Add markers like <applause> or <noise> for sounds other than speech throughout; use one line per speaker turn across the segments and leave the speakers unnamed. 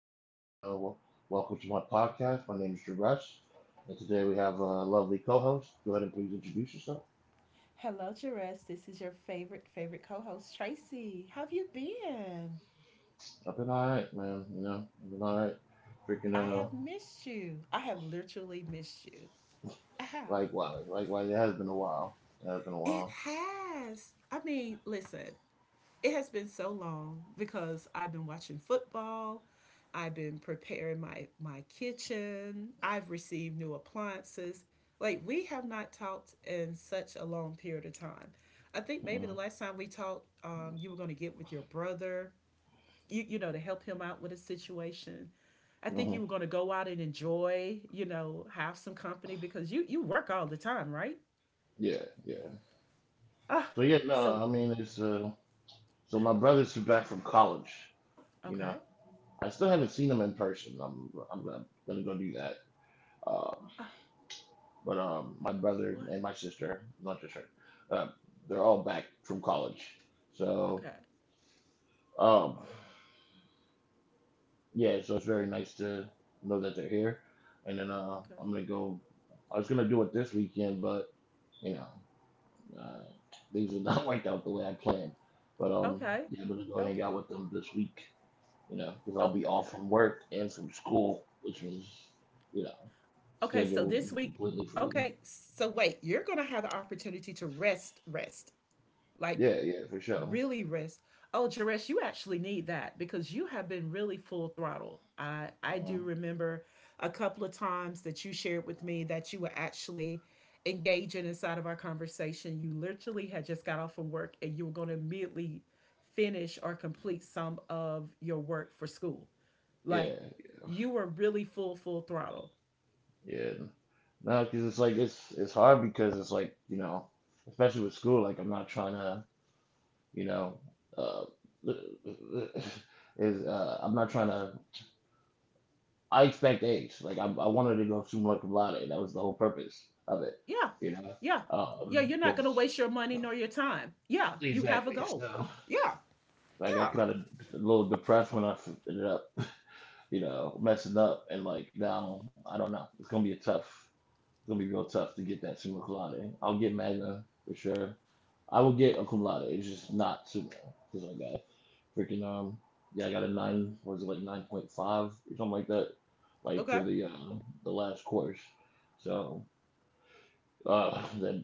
gentlemen. Welcome to my podcast. My name is Drew Rush, and today we have a lovely co-host. Go ahead and please introduce yourself.
Hello, Jerez. This is your favorite, favorite co host, Tracy. How have you been?
I've been all right, man. You know, I've been all right. Freaking
I have missed you. I have literally missed you. I have.
Likewise. It has been a while. It has been a
It
while.
has. I mean, listen, it has been so long because I've been watching football. I've been preparing my kitchen. I've received new appliances. Like, we have not talked in such a long period of time. I think
Mm-hmm.
maybe the last time we talked, you were going to get with your brother to help him out with a situation. I think you
hmm
were going to go out and enjoy, have some company because you work all the time, right?
Yeah, yeah.
Ah,
So yeah,
so
no, I mean it's so my brothers are back from college. You know,
okay.
I still haven't seen them in person. I'm gonna go do that. Um,
Ah,
But my brother
what?
and my sister, not just her, uh, they're all back from college. So
Okay.
um, yeah, so it's very nice to know that they're here. And then
Okay.
I'm gonna go. I was gonna do it this weekend, but you know, uh, things did not <laughs> work out the way I planned. But
Okay.
yeah, I'm gonna go hang out
Okay.
with them this week. You know, because I'll be off
Okay.
from work and from school, which means you know,
Okay,
schedule
so
will be
this week,
completely free.
okay, so wait, you're going to have the opportunity to rest, rest. Like
Yeah, yeah, for sure.
really risk. Oh, Jaresh, you actually need that because you have been really full throttle. I do
Uh,
remember a couple of times that you shared with me that you were actually engaging inside of our conversation. You literally had just got off from work and you were going to immediately finish or complete some of your work for school.
yeah.
Like you were really full throttle.
Yeah. No, because it's hard because it's like you know, especially with school. Like I'm not trying to you know, uh, <laughs> is I'm not trying to. I expect A's. I wanted to go summa cum laude. That was the whole purpose of it.
Yeah.
You know,
Yeah. Yeah, you're not going to
just
waste your money nor your time. Yeah, you have a
exactly.
goal.
So
Yeah.
I
Yeah.
got a little depressed when ended up you know messing up, and like now I don't know. It's gonna be real tough to get that summa colada. I'll get magna for sure. I will get a cum laude. It's just not summa because I got freaking yeah, I got a nine, what was it, like 9.5 or something like that, like for
Okay.
the last course. So uh, that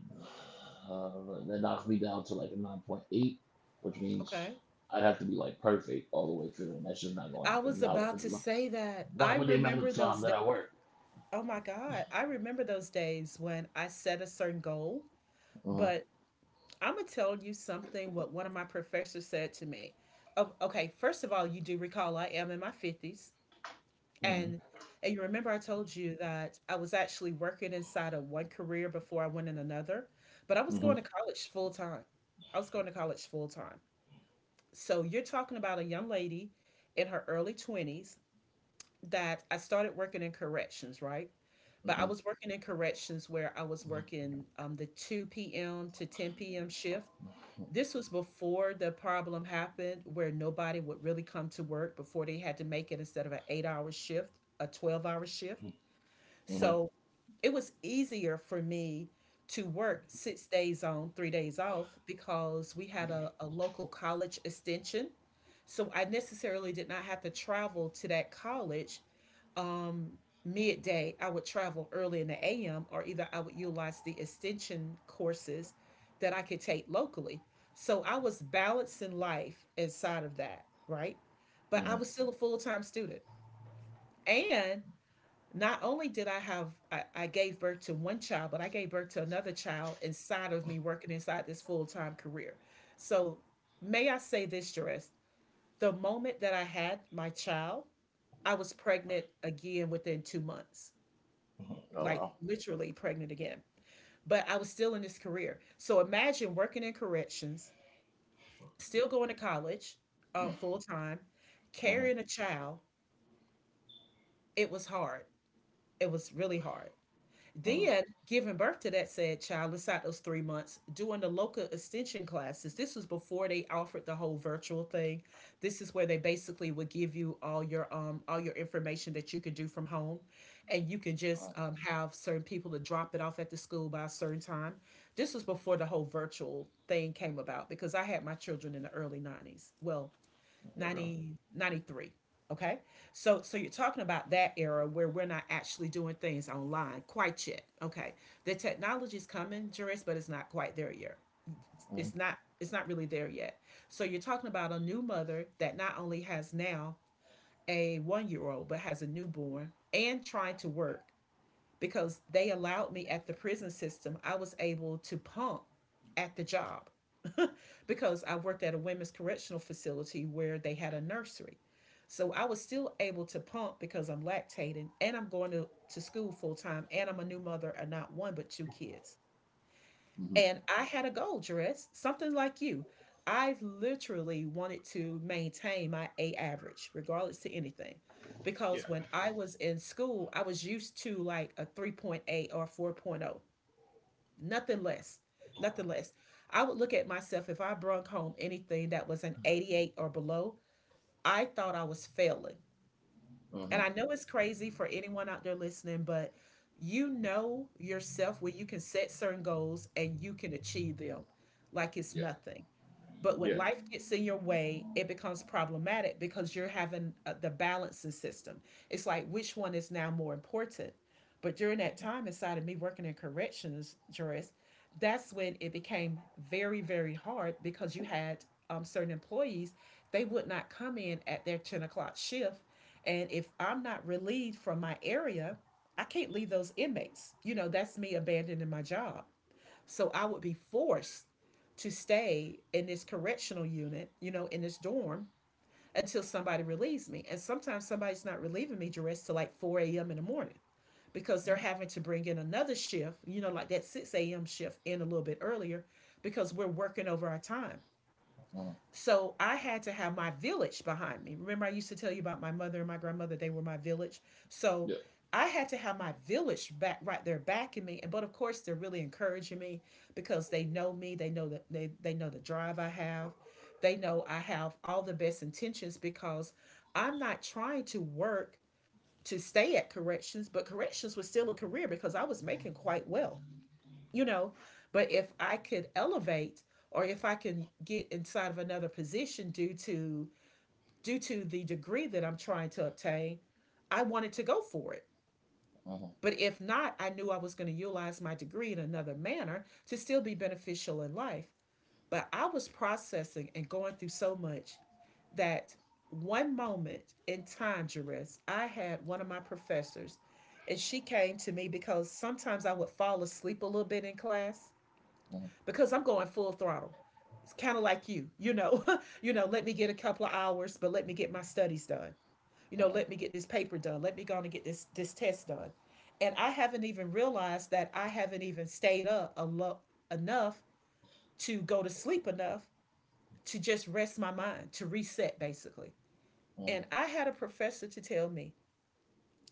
uh, that knocks me down to like a 9.8, which means
Okay.
I'd have to be like perfect all the way through, and that's just not gonna
I
happen.
was about to say that. I
Not with the amount of
remember
time
those
that
days.
I work.
Oh my God. I remember those days when I set a certain goal,
Uh-huh.
but I'm going to tell you something what one of my professors said to me. Oh, okay. First of all, you do recall I am in my 50s. And,
Mm-hmm.
and you remember I told you that I was actually working inside of one career before I went in another, but I was going
Mm-hmm.
to college full time. I was going to college full time. So you're talking about a young lady in her early 20s that I started working in corrections, right? But I
Mm-hmm.
was working in corrections where I was
Mm-hmm.
working the 2 p.m. to 10 p.m. shift. This was before the problem happened where nobody would really come to work before they had to make it instead of an 8 hour shift, a 12-hour shift.
Mm-hmm.
So it was easier for me to work 6 days on, 3 days off because we had a local college extension. So I necessarily did not have to travel to that college um, midday. I would travel early in the AM, or either I would utilize the extension courses that I could take locally. So I was balancing life inside of that, right? But I
Mhm.
was still a full time student. And not only did I gave birth to one child, but I gave birth to another child inside of me working inside this full time career. So may I say this, Jerez? The moment that I had my child, I was pregnant again within 2 months,
Mhm. Oh
like
wow.
literally pregnant again. But I was still in this career. So imagine working in corrections, still going to college full time, carrying
Mhm.
a child. It was hard. It was really hard.
Mhm.
Dia giving birth to that said child inside those 3 months, doing the local extension classes. This was before they offered the whole virtual thing. This is where they basically would give you all your information that you could do from home, and you can just have certain people to drop it off at the school by a certain time. This was before the whole virtual thing came about because I had my children in the early 90s. Well,
Mhm. Okay.
90 ninety three. Okay. So you're talking about that era where we're not actually doing things online quite yet. Okay. The technology's coming, Juris, but it's not quite there yet.
Mhm.
It's not really there yet. So you're talking about a new mother that not only has now a 1 year old but has a newborn and trying to work because they allowed me at the prison system, I was able to pump at the job <laughs> because I worked at a women's correctional facility where they had a nursery. So I was still able to pump because I'm lactating and I'm going to school full time and I'm a new mother of not one but two kids.
Mhm.
And I had a goal dress, something like you. I literally wanted to maintain my A average, regardless to anything. Because when I was in school, I was used to like a 3.8 or 4.0, nothing less, nothing less. I would look at myself if I brought home anything that was an 88 or below. I thought I was failing.
Mhm.
And I know it's crazy for anyone out there listening, but you know yourself where you can set certain goals and you can achieve them like it's
Yeah.
nothing. But when
Yeah.
life gets in your way, it becomes problematic because you're having the balancing system. It's like which one is now more important. But during that
Mhm.
time inside of me working in corrections, Joris, that's when it became very, very hard because you had certain employees. They would not come in at their 10 o'clock shift. And if I'm not relieved from my area, I can't leave those inmates. You know, that's me abandoning my job. So I would be forced to stay in this correctional unit, you know, in this dorm until somebody relieves me. And sometimes somebody's not relieving me, duress till like 4 a.m. in the morning because they're
Mhm.
having to bring in another shift, you know, like that 6 a.m. shift in a little bit earlier because we're working over our time.
Mhm.
So I had to have my village behind me. Remember, I used to tell you about my mother and my grandmother, they were my village. So
Yeah.
I had to have my village back right there backing me. And but of course they're really encouraging me because they know me, they know that they know the drive I have. They know I have all the best intentions because I'm not trying to work to stay at corrections, but corrections was still a career because I was making quite well, you know but if I could elevate, or if I can get inside of another position due to the degree that I'm trying to obtain, I wanted to go for it.
Mhm.
But if not, I knew I was going to utilize my degree in another manner to still be beneficial in life. But I was processing and going through so much that one moment in time, Jerris, I had one of my professors, and she came to me because sometimes I would fall asleep a little bit in class
Mhm.
because I'm going full throttle. It's kind of like you, <laughs> let me get a couple of hours, but let me get my studies done. You know,
Mhm.
let me get this paper done. Let me go and get this test done. And I haven't even realized that I haven't even stayed up a lot enough to go to sleep enough to just rest my mind, to reset basically. And
Mhm.
I had a professor to tell me.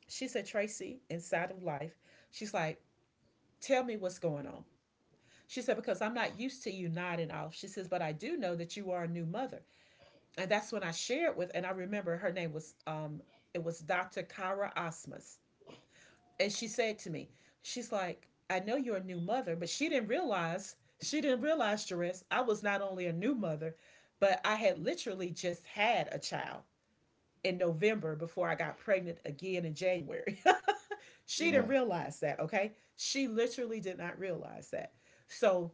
She said, Tracy, inside of life, she's like, tell me what's going on. She said, because I'm not used to you nodding off. She says, but I do know that you are a new mother. And that's when I shared with, and I remember her name was, it was Dr. Kara Osmus. And she said to me, she's like, I know you're a new mother, but she didn't realize, Jerris, I was not only a new mother, but I had literally just had a child in November before I got pregnant again in January. <laughs> She didn't
Mhm.
realize that, okay? She literally did not realize that. So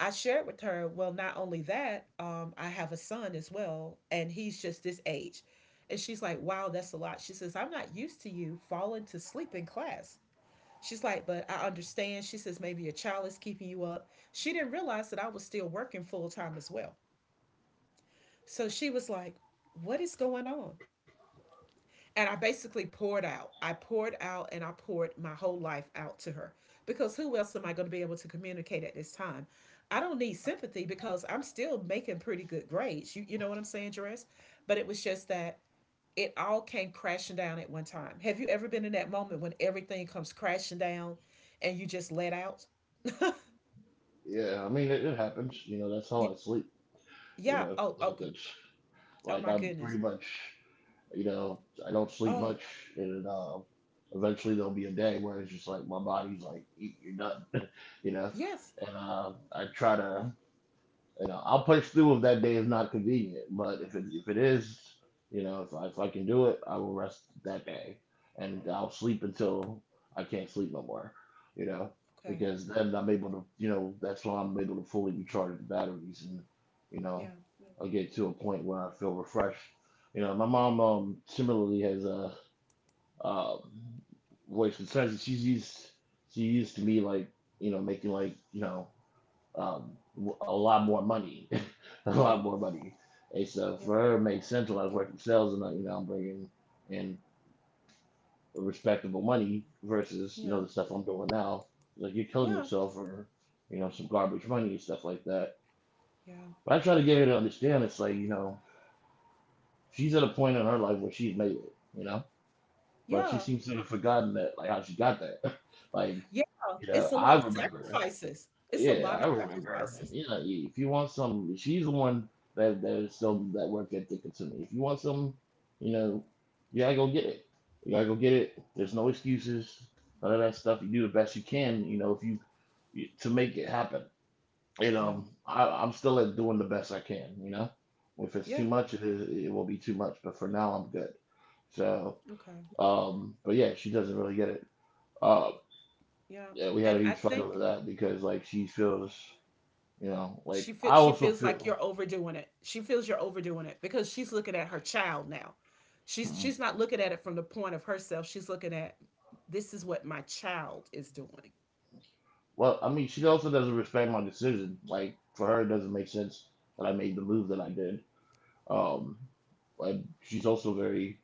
I shared with her, well, not only that, I have a son as well, and he's just this age. And she's like, wow, that's a lot. She says, I'm not used to you falling to sleep in class. She's like, but I understand. She says, maybe your child is keeping you up. She didn't realize that I was still working full time as well. So she was like, what is going on? And I basically poured out. I poured out and I poured my whole life out to her because who else am I going to be able to communicate at this time? I don't need sympathy because I'm still making pretty good grades. You know what I'm saying, Jerez? But it was just that it all came crashing down at one time. Have you ever been in that moment when everything comes crashing down and you just let out?
Yeah. I mean, it happens. You know, that's how
Yeah.
I sleep. You
Yeah.
know,
Oh,
like
okay.
that's
Oh,
like
my
I'm pretty
goodness.
much. You know, I don't sleep
Oh,
much, and eventually there'll be a day where it's just like my body's like, "Eat, you're done." <laughs> You know,
yes.
and I try to. You know, I'll push through if that day is not convenient. But if it is, you know, if I can do it, I will rest that day, and I'll sleep until I can't sleep no more. You know,
Okay.
because then I'm able to, you know, that's when I'm able to fully recharge the batteries, and you know,
Yeah.
I'll get to a point where I feel refreshed. You know, my mom similarly has a uh, voice concerns. She used to me, like you know, making like you know um, a lot more money, <laughs> a
Uh
lot
huh.
more money. And so
Yeah.
for her, it made sense when I was working sales, and I, you know, I'm bringing in respectable money versus you know
Yeah.
the stuff I'm doing now. Like you're killing
Yeah.
yourself for you know some garbage money and stuff like that.
Yeah.
But I try to get her to understand, it's like you know she's at a point in her life where she's made it, you know. But she
Yeah.
seems to have forgotten that, like how she got there. <laughs> like
Yeah,
you
it's
know,
a lot
I
of
remember
sacrifices. It's a
Yeah,
lot
I
of
remember.
sacrifices.
You know, if you want some, she's the one that that is still, that worked at Dickens to me. If you want some, you know, you gotta go get it. You gotta go get it. There's no excuses. None of that stuff. You do the best you can. You know, if you you- to make it happen. And
Yeah.
I'm still at doing the best I can. You know, if it's too
Yeah.
much, it will be too much. But for now, I'm good. So,
Okay.
but yeah, she doesn't really get it. Uh,
Yeah.
yeah, we had
And
a
I
huge fight over
think
that because like she feels. You know, like
she feel,
I
she
also
feels like
feel.
you're overdoing it. She feels you're overdoing it because she's looking at her child now. She's
Hmm.
she's not looking at it from the point of herself. She's looking at, this is what my child is doing.
Well, I mean, she also doesn't respect my decision. Like for her, it doesn't make sense that I made the move that I did. Um, but she's also very,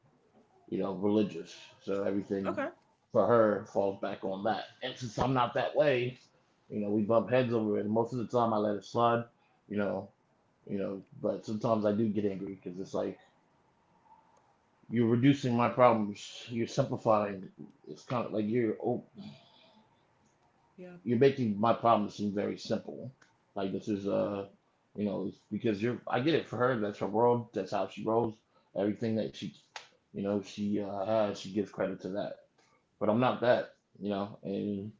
you know, religious. So everything
Okay.
for her falls back on that. And since I'm not that way, you know, we bump heads over it. Most of the time, I let it slide. You know, But sometimes I do get angry because it's like you're reducing my problems. You're simplifying. It's kind of like you're o-
Yeah.
You're making my problem seem very simple. Like this is
Yeah.
You know, it's because you're I get it, for her, that's her world, that's how she rolls. Everything that she you know, she has, she gives credit to that. But I'm not that, you know. And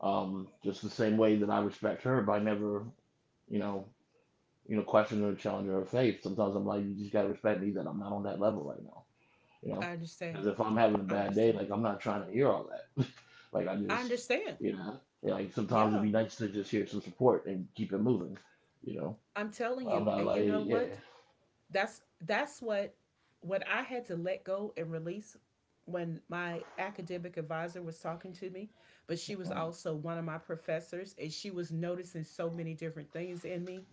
just the same way that I respect her by never, you know, question or challenge her faith. Sometimes I'm like, you just gotta respect me, that I'm not on that level right now, you know?
I understand.
Because if I'm having a
I
bad day,
understand.
like I'm not trying to hear all that. Like I
I
just,
understand.
you know, and, like sometimes it'd
Yeah,
be nice to just hear some support and keep it moving, you know.
I'm telling
I'm
you.
not
And
like,
you know
yeah,
what? That's what I had to let go and release when my academic advisor was talking to me, but she
uh
was also one of my professors and she was noticing so many different things in me.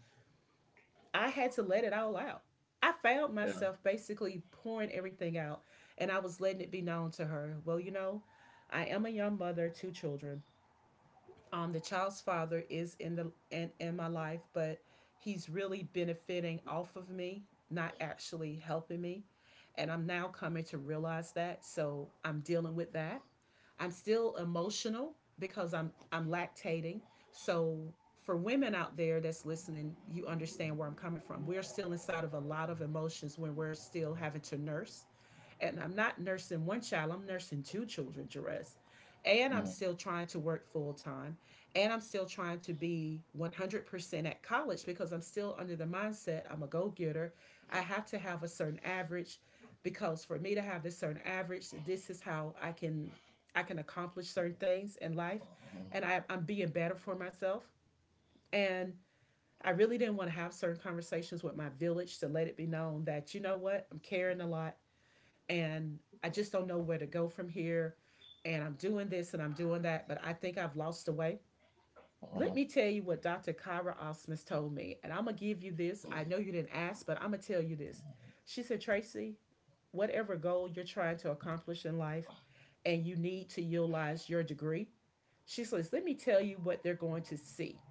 I had to let it all out. I found
yeah,
myself basically pouring everything out, and I was letting it be known to her, well, I am a young mother, two children. The child's father is in my life, but he's really benefiting off of me, not actually helping me. And I'm now coming to realize that. So I'm dealing with that. I'm still emotional because I'm lactating. So for women out there that's listening, you understand where I'm coming from. We're still inside of a lot of emotions when we're still having to nurse, and I'm not nursing one child, I'm nursing two children, Jerez. And I'm
mm
still trying to work full time. And I'm still trying to be 100% at college because I'm still under the mindset I'm a go getter. I have to have a certain average, because for me to have this certain average, this is how I can accomplish certain things in life.
mm
And I'm being better for myself. And I really didn't want to have certain conversations with my village to let it be known that, you know what, I'm caring a lot and I just don't know where to go from here. And I'm doing this and I'm doing that, but I think I've lost the way.
mm
Let me tell you what Dr. Kyra Osmus told me. And I'm going to give you this. I know you didn't ask, but I'm going to tell you this. She said, Tracy, whatever goal you're trying to accomplish in life and you need to utilize your degree, she says, let me tell you what they're going to see.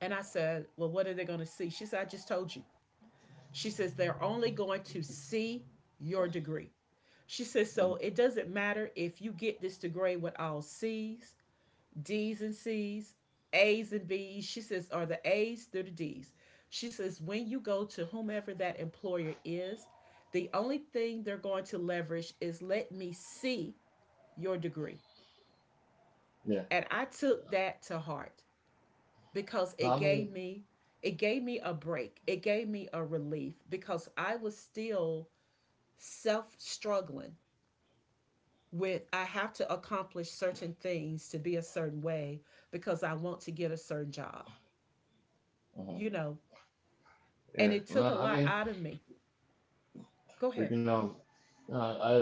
And I said, well, what are they going to see? She said, I just told you. She says, they're only going to see your degree. She says, so
mm
it doesn't matter if you get this to grade with all C's, D's and C's, A's and B's. She says, or the A's through the D's. She says, when you go to whomever that employer is, the only thing they're going to leverage is, let me see your degree.
yeah.
And I took that to heart because
No,
it
I mean,
gave me it gave me a break. It gave me a relief because I was still self struggling with, I have to accomplish certain things to be a certain way because I want to get a certain job,
uh
you know. And
yeah.
it took
No,
a
I
lot
mean,
out of me. Go ahead.
you know, uh,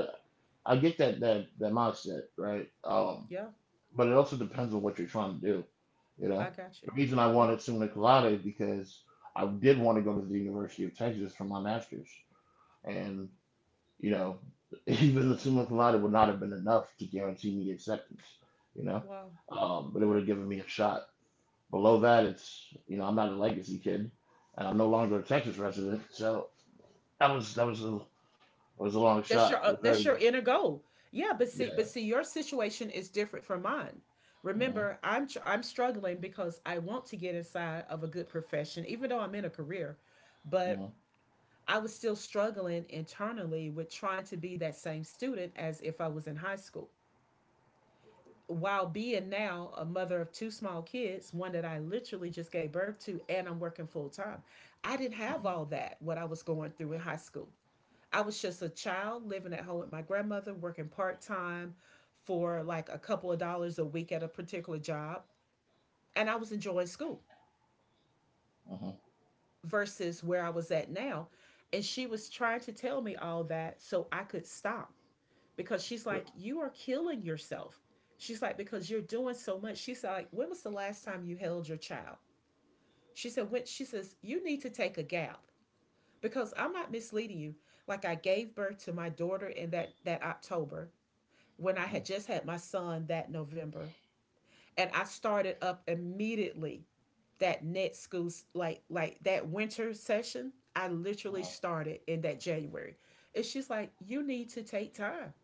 I get that mindset, right?
Yeah,
But it also depends on what you're trying to do, you know.
I got
The
you.
reason I
Yeah.
wanted summa cum laude is because I did want to go to the University of Texas for my master's, and you know, <laughs> even the similar cum laude would not have been enough to guarantee me acceptance. You know,
Wow.
but it would
Yeah.
have given me a shot. Below that, it's you know I'm not a legacy kid, and I'm no longer a Texas resident, so that was a long
That's
shot.
your
It
uh,
was
that's
very
your
good.
inner goal. Yeah, but see
Yeah.
but see your situation is different from mine.
Mhm,
Remember, I'm struggling because I want to get inside of a good profession even though I'm in a career, but
mhm,
I was still struggling internally with trying to be that same student as if I was in high school, while being now a mother of two small kids, one that I literally just gave birth to, and I'm working full time. I didn't
mhm,
have all that, what I was going through in high school. I was just a child living at home with my grandmother, working part time for like a couple of dollars a week at a particular job. And I was enjoying school
mhm.
versus where I was at now. And she was trying to tell me all that so I could stop, because she's
Yeah.
like, you are killing yourself. She's like, because you're doing so much. She's like, when was the last time you held your child? She said, When she says, you need to take a gap because I'm not misleading you. Like, I gave birth to my daughter in that October, when I
Mhm,
had just had my son that November. And I started up immediately that net school like that winter session. I literally started in that January. And she's like, you need to take time.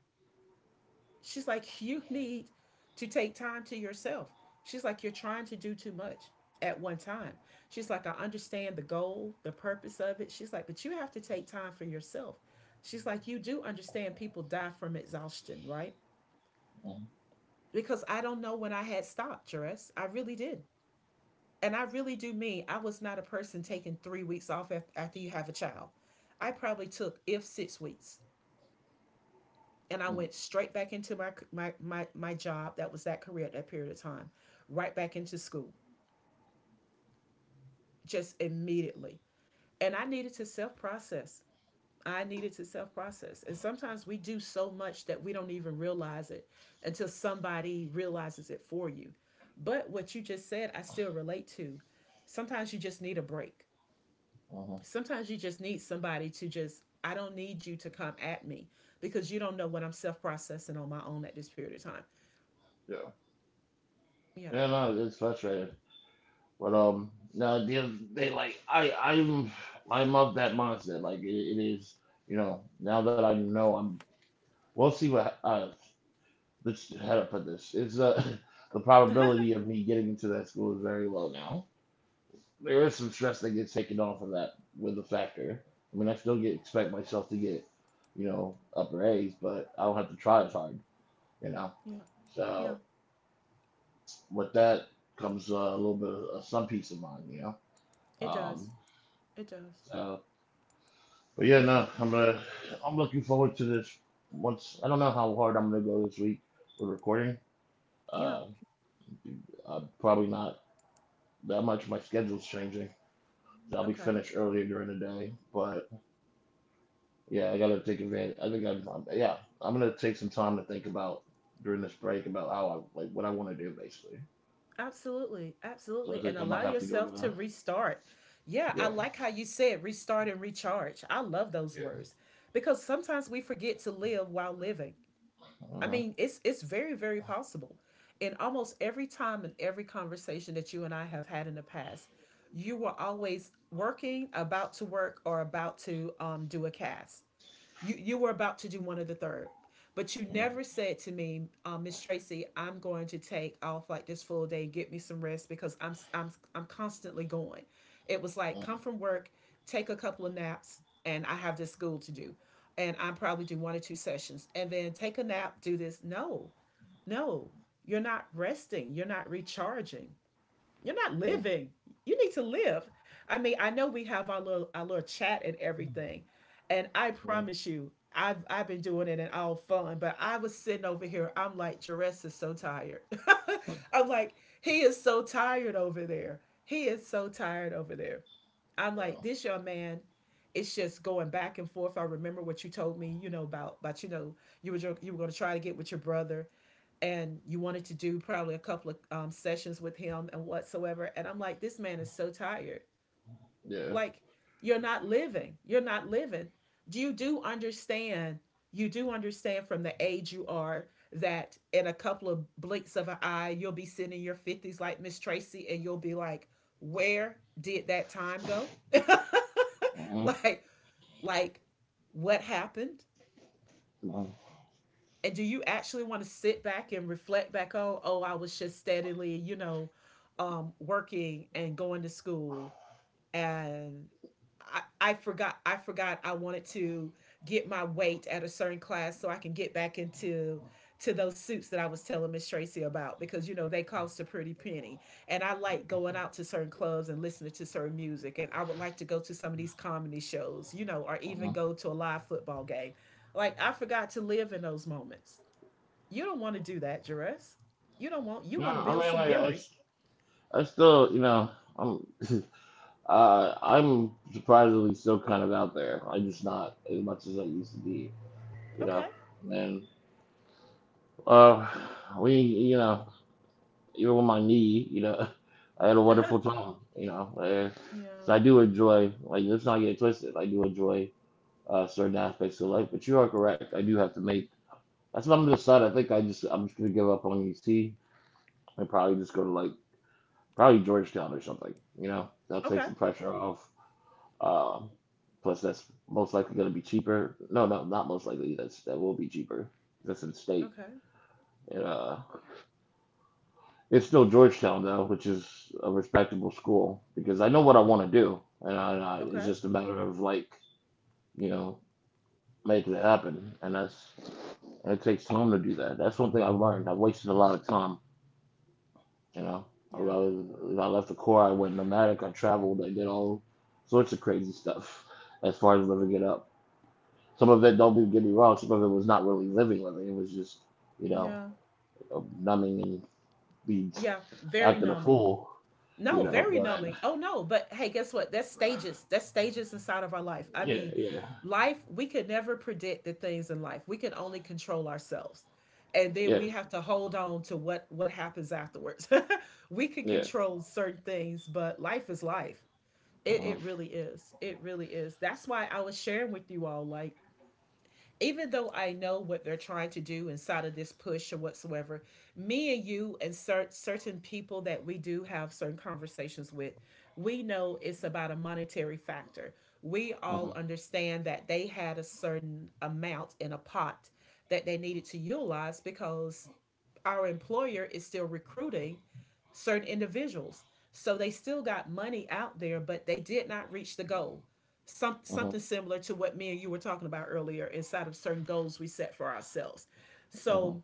She's like, you need to take time to yourself. She's like, you're trying to do too much at one time. She's like, I understand the goal, the purpose of it. She's like, but you have to take time for yourself. She's like, you do understand people die from exhaustion, right?
mhm, mhm,
Because I don't know when I had stopped, Jerez. I really did. And I really do mean, I was not a person taking 3 weeks off after you have a child. I probably took, if 6 weeks, and I
mhm,
went straight back into my job. That was that career at that period of time. Right back into school, just immediately. And I needed to self process. I needed to self process. And sometimes we do so much that we don't even realize it until somebody realizes it for you. But what you just said, I still relate to. Sometimes you just need a break.
mhm.
Sometimes you just need somebody to just, I don't need you to come at me because you don't know what I'm self processing on my own at this period of time.
Yeah. Yeah,
Yeah.
no, it's frustrating, but no, they like I I'm of that mindset. Like it is, you know. Now that I know I'm We'll see what this How to put this. It's <laughs> the
<laughs>
probability of me getting into that school is very low now. There is some stress that gets taken off of that with the factor. I mean, I still get expect myself to get, you know, upper A's, but I don't have to try as hard, you know.
Yeah. Yeah.
So with that comes a little bit of some peace of mind, you know.
It does.
Um
It does.
so but yeah,
It
no,
does.
I'm looking forward to this. Once, I don't know how hard I'm gonna go this week with recording.
Yeah.
Uh, Probably not that much. My schedule's changing. I'll be
Okay.
finished earlier during the day, but yeah, I gotta take
Well,
advantage. Yeah, I'm gonna take some time to think about during this break about how I like what I want to do basically.
absolutely.
So I
Absolutely. And
think I might
allow
have to go to
yourself to restart. Yeah. I
yeah,
like how you said restart and recharge. I love those
yeah,
words because sometimes we forget to live while living. I
uh-huh.
mean, it's very, very possible. And almost every time in every conversation that you and I have had in the past, you were always working, about to work, or about to do a cast. You were about to do one of the third, but you never
uh
said to me, Miss Tracy, I'm going to take off like this full day, get me some rest, because I'm constantly going. It was
uh,
like, come from work, take a couple of naps, and I have this school to do, and I probably do one or two sessions, and then take a nap, do this. No, no, you're not resting. You're not recharging. You're not
uh,
living. You need to live. I mean, I know we have our little chat and everything, and I promise you, I've been doing it in all fun, but I was sitting over here. I'm like, Jerez is so tired. <laughs> I'm like, he is so tired over there. He is so tired over there. I'm
uh,
like, this young man, it's just going back and forth. I remember what you told me, about you were gonna try to get with your brother, and you wanted to do probably a couple of sessions with him and whatsoever. And I'm like, this man is so tired.
yeah,
Like, you're not living. You're not living. Do you do understand? You do understand from the age you are that in a couple of blinks of an eye, you'll be sitting in your 50s like Miss Tracy, and you'll be like, where did that time go? <laughs>
uh-huh.
Like, like, what happened?
Uh-huh.
And do you actually want to sit back and reflect back on, oh, I was just steadily working and going to school, and I, I forgot I wanted to get my weight at a certain class so I can get back into to those suits that I was telling Miss Tracy about, because they cost a pretty penny, and I like going out to certain clubs and listening to certain music, and I would like to go to some of these comedy shows, or even go to a live football game. Like, I forgot to live in those moments. You don't want to do that, Jerez. You don't want you
No,
want to
I
build
mean,
some
like I
memories.
still you know I'm <laughs> I'm surprisingly still kind of out there. I'm just not as much as I used to be, you know.
Okay. <laughs>
And uh, you know, even with my knee, you know, <laughs> I had a
Uh-huh.
wonderful time, you know. And
Yeah.
so I do enjoy, like, let's not get it twisted. I do enjoy certain aspects of life, but you are correct. I do have to make. That's what I'm gonna decide. I'm just gonna give up on UC and probably just go to like probably Georgetown or something. You know, that'll take
Okay.
some pressure off. Um, Plus, that's most likely going to be cheaper. No, no, not most likely. That's that will be cheaper. That's in state.
Okay.
And, it's still Georgetown though, which is a respectable school, because I know what I want to do, and it's
Okay.
just a matter of like you know making it happen. And that's and it takes time to do that. That's one thing I've learned. I wasted a lot of time. You know, I,
Yeah.
I left the Corps. I went nomadic. I traveled. I did all sorts of crazy stuff as far as living it up. Some of it, don't be- get me wrong, some of it was not really living, living. It was just, you know,
Yeah.
numbing and being
Yeah. Very
acting a
numbing.
fool, you
No,
know.
very
But
numbing. Oh no, but hey, guess what? That's stages. That's stages inside of our life. I mean,
yeah, yeah,
life, we could never predict the things in life. We can only control ourselves. And then we
yeah,
have to hold on to what happens afterwards. <laughs> We can
yeah.
control certain things, but life is life. It
Uh-huh,
really is. It really is. That's why I was sharing with you all, like, even though I know what they're trying to do inside of this push or whatsoever, me and you and certain people that we do have certain conversations with, we know it's about a monetary factor. We all
uh-huh,
understand that they had a certain amount in a pot that they needed to utilize because our employer is still recruiting certain individuals. So they still got money out there, but they did not reach the goal.
uh-huh,
Something similar to what me and you were talking about earlier inside of certain goals we set for ourselves. So
uh-huh.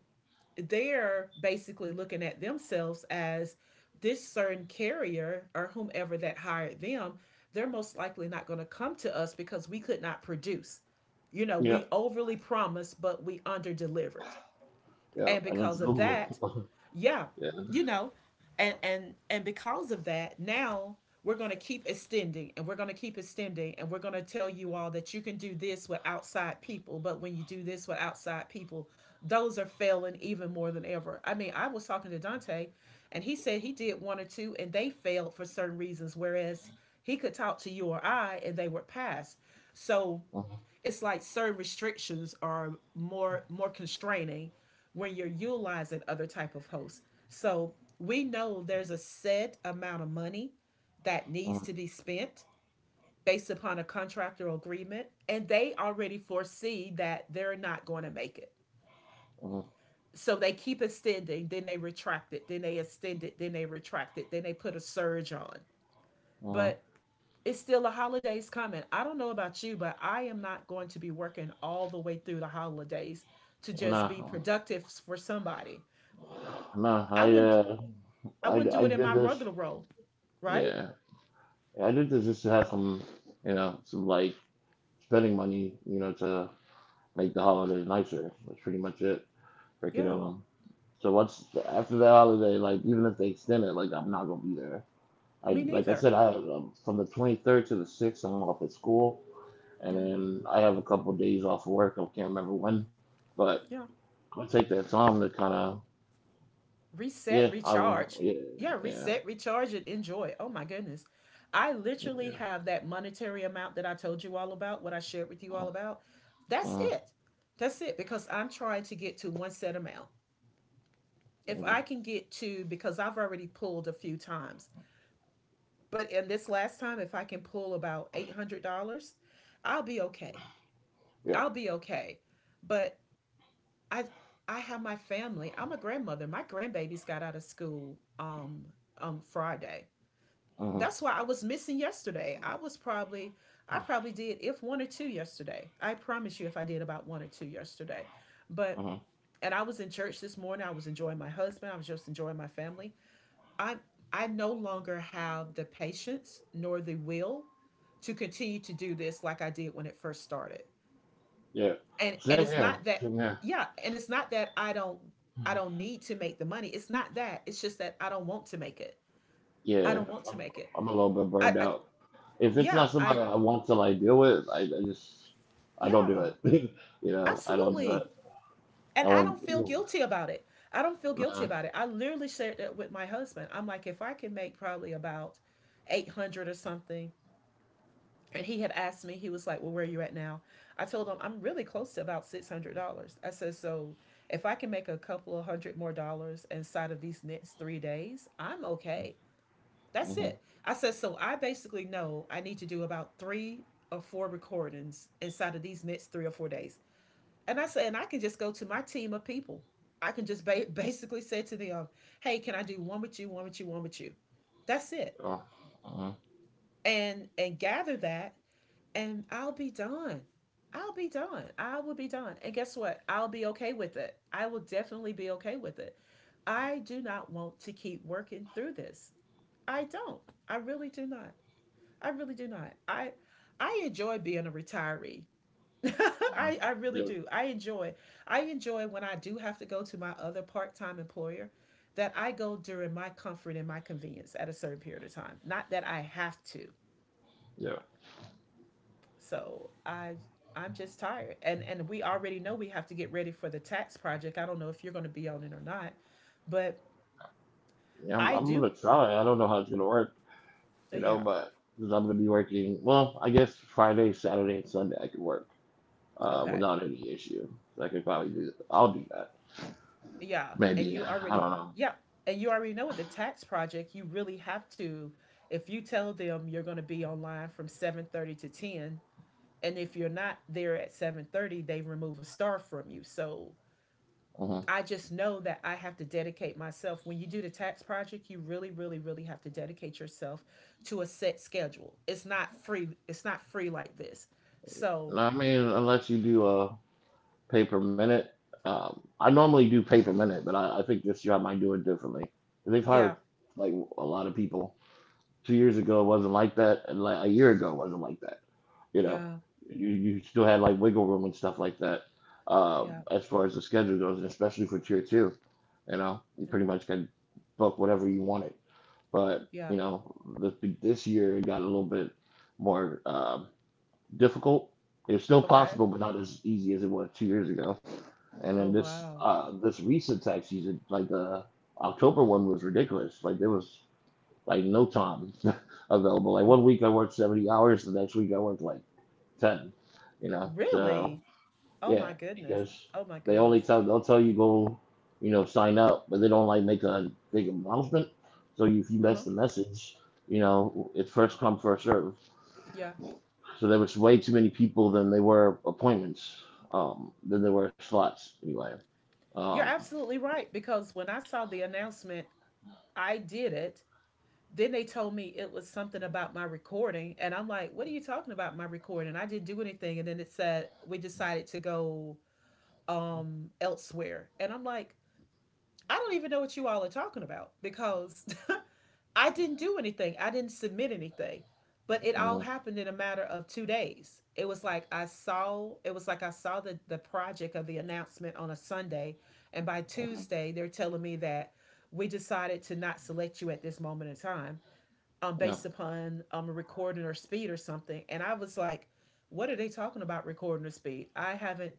they're basically looking at themselves as this certain carrier or whomever that hired them, they're most likely not going to come to us because we could not produce. You know,
Yeah,
we overly promised, but we under delivered.
yeah,
And
and
because
it's
of that,
Google.
yeah,
<laughs> Yeah.
you know, and because of that, now we're going to keep extending and we're going to keep extending and we're going to tell you all that you can do this with outside people, but when you do this with outside people those are failing even more than ever. I mean, I was talking to Dante and he said he did one or two and they failed for certain reasons, whereas he could talk to you or I and they were passed. So
Uh-huh,
it's like certain restrictions are more constraining when you're utilizing other type of hosts. So we know there's a set amount of money that
uh-huh,
needs to be spent based upon a contractual agreement, and they already foresee that they're not going to make it.
uh-huh,
So they keep extending, then they retract it, then they extend it, then they retract it, then they put a surge on.
uh-huh.
But it's still the holidays coming. I don't know about you, but I am not going to be working all the way through the holidays to just be
Nah,
productive for somebody.
nah.
I wouldn't I wouldn't
I
do it in
did
my
this.
regular role, right?
Yeah, I did this just to have some, some like spending money, you know, to make the holiday nicer. That's pretty much it. Break it
Yeah.
over. So once after that holiday, like even if they extend it, like I'm not gonna be there.
Me
I like I
neither.
said, I from the 23rd to the 6th, I'm off at school, and
Yeah.
then I have a couple of days off of work. I can't remember when, but
Yeah.
I take that time to kind of
Reset,
yeah, I will.
recharge.
Yeah,
Yeah,
yeah,
reset, recharge and enjoy. Oh my goodness. I literally
yeah.
have that monetary amount that I told you all about, what I shared with you
uh,
all about. That's
uh,
it. That's it, because I'm trying to get to one set amount. If
uh,
I can get to, because I've already pulled a few times, but in this last time, if I can pull about $800, I'll be okay.
yeah.
I'll be okay. But I, I have my family. I'm a grandmother. My grandbabies got out of school um Friday.
uh,
That's why I was missing yesterday. I was probably I probably did if one or two yesterday. I promise you if I did about one or two yesterday. But
uh,
and I was in church this morning. I was enjoying my husband. I was just enjoying my family. I I no longer have the patience nor the will to continue to do this like I did when it first started.
yeah,
And
same
it's
here,
not that
same here.
yeah, and it's not that I don't need to make the money. It's not that. It's just that I don't want to make it.
Yeah,
I don't
I'm,
want to make it.
I'm a little bit
I,
burned
I
out. If it's
yeah,
not somebody
I
I want to like deal with, I just I don't do
yeah,
it. <laughs> You know, I don't do
absolutely.
it.
And
I
I
want.
don't feel
Ew.
guilty about it. I don't feel guilty
Nah.
about it. I literally shared that with my husband. I'm like, if I can make probably about 800 or something. And he had asked me, he was like, well, where are you at now? I told him, I'm really close to about $600. I said, so if I can make a couple of hundred more dollars inside of these next 3 days, I'm okay. That's
Mm-hmm.
it. I said, so I basically know I need to do about three or four recordings inside of these next 3 or 4 days. And I said, and I can just go to my team of people. I can just <laughs> basically say to them, hey, can I do one with you, one with you, one with you? That's it.
Oh. Hmm.
And gather that and I'll be done. I'll be done. I will be done. And guess what? I'll be okay with it. I will definitely be okay with it. I do not want to keep working through this. I don't. I really do not. I really do not. I enjoy being a retiree. <laughs> I really
Yeah,
do. I enjoy. I enjoy when I do have to go to my other part-time employer that I go during my comfort and my convenience at a certain period of time. Not that I have to.
yeah,
So I'm just tired. And we already know we have to get ready for the tax project. I don't know if you're going to be on it or not, but
yeah.
I
I'm
do.
gonna try. I don't know how it's gonna work. You know,
Yeah.
but because I'm gonna be working. Well, I guess Friday, Saturday, and Sunday I could work
Okay.
without any issue. So I could probably do. I'll do that.
Yeah. And
Maybe
you
I
already
don't
yeah, and you already know with the tax project, you really have to if you tell them you're going to be online from 7:30 to 10, and if you're not there at 7:30, they remove a star from you. So
know.
I just know that I have to dedicate myself. When you do the tax project, you really, really, really have to dedicate yourself to a set schedule. It's not free. It's not free like this.
Hmm.
So,
I mean, unless you do pay per minute. I normally do pay per minute, but I think this year I might do it differently. They've hired
yeah,
like a lot of people. 2 years ago it wasn't like that, and like a year ago it wasn't like that. You know,
yeah,
you still had like wiggle room and stuff like that
yeah,
as far as the schedule goes, and especially for tier two. You know, you
yeah,
pretty much could book whatever you wanted. But
yeah.
you know, this year it got a little bit more. Difficult. It's still
Okay.
possible, but not as easy as it was 2 years ago. And
Oh
then this
wow.
this recent tax season, like the October one, was ridiculous. Like there was like no time <laughs> available. Like one
W-
week I worked 70 hours, the next week I worked like 10. You know, so
Really? Oh my
yeah,
goodness.
because
Oh my goodness.
they'll tell you go, you know, sign up, but they don't like make a big announcement. So if you
Uh
miss
huh.
the message, you know, it's first come first serve.
Yeah.
So there was way too many people than there were appointments, than there were slots anyway. Um,
You're absolutely right, because when I saw the announcement, I did it. Then they told me it was something about my recording. And I'm like, what are you talking about my recording? I didn't do anything. And then it said, we decided to go elsewhere. And I'm like, I don't even know what you all are talking about because <laughs> I didn't do anything. I didn't submit anything. But it all
mhm,
happened in a matter of 2 days. It was like I saw it was like I saw the project of the announcement on a Sunday and by
mhm,
Tuesday they're telling me that we decided to not select you at this moment in time
yeah,
based upon a recording or speed or something. And I was like, what are they talking about recording or speed?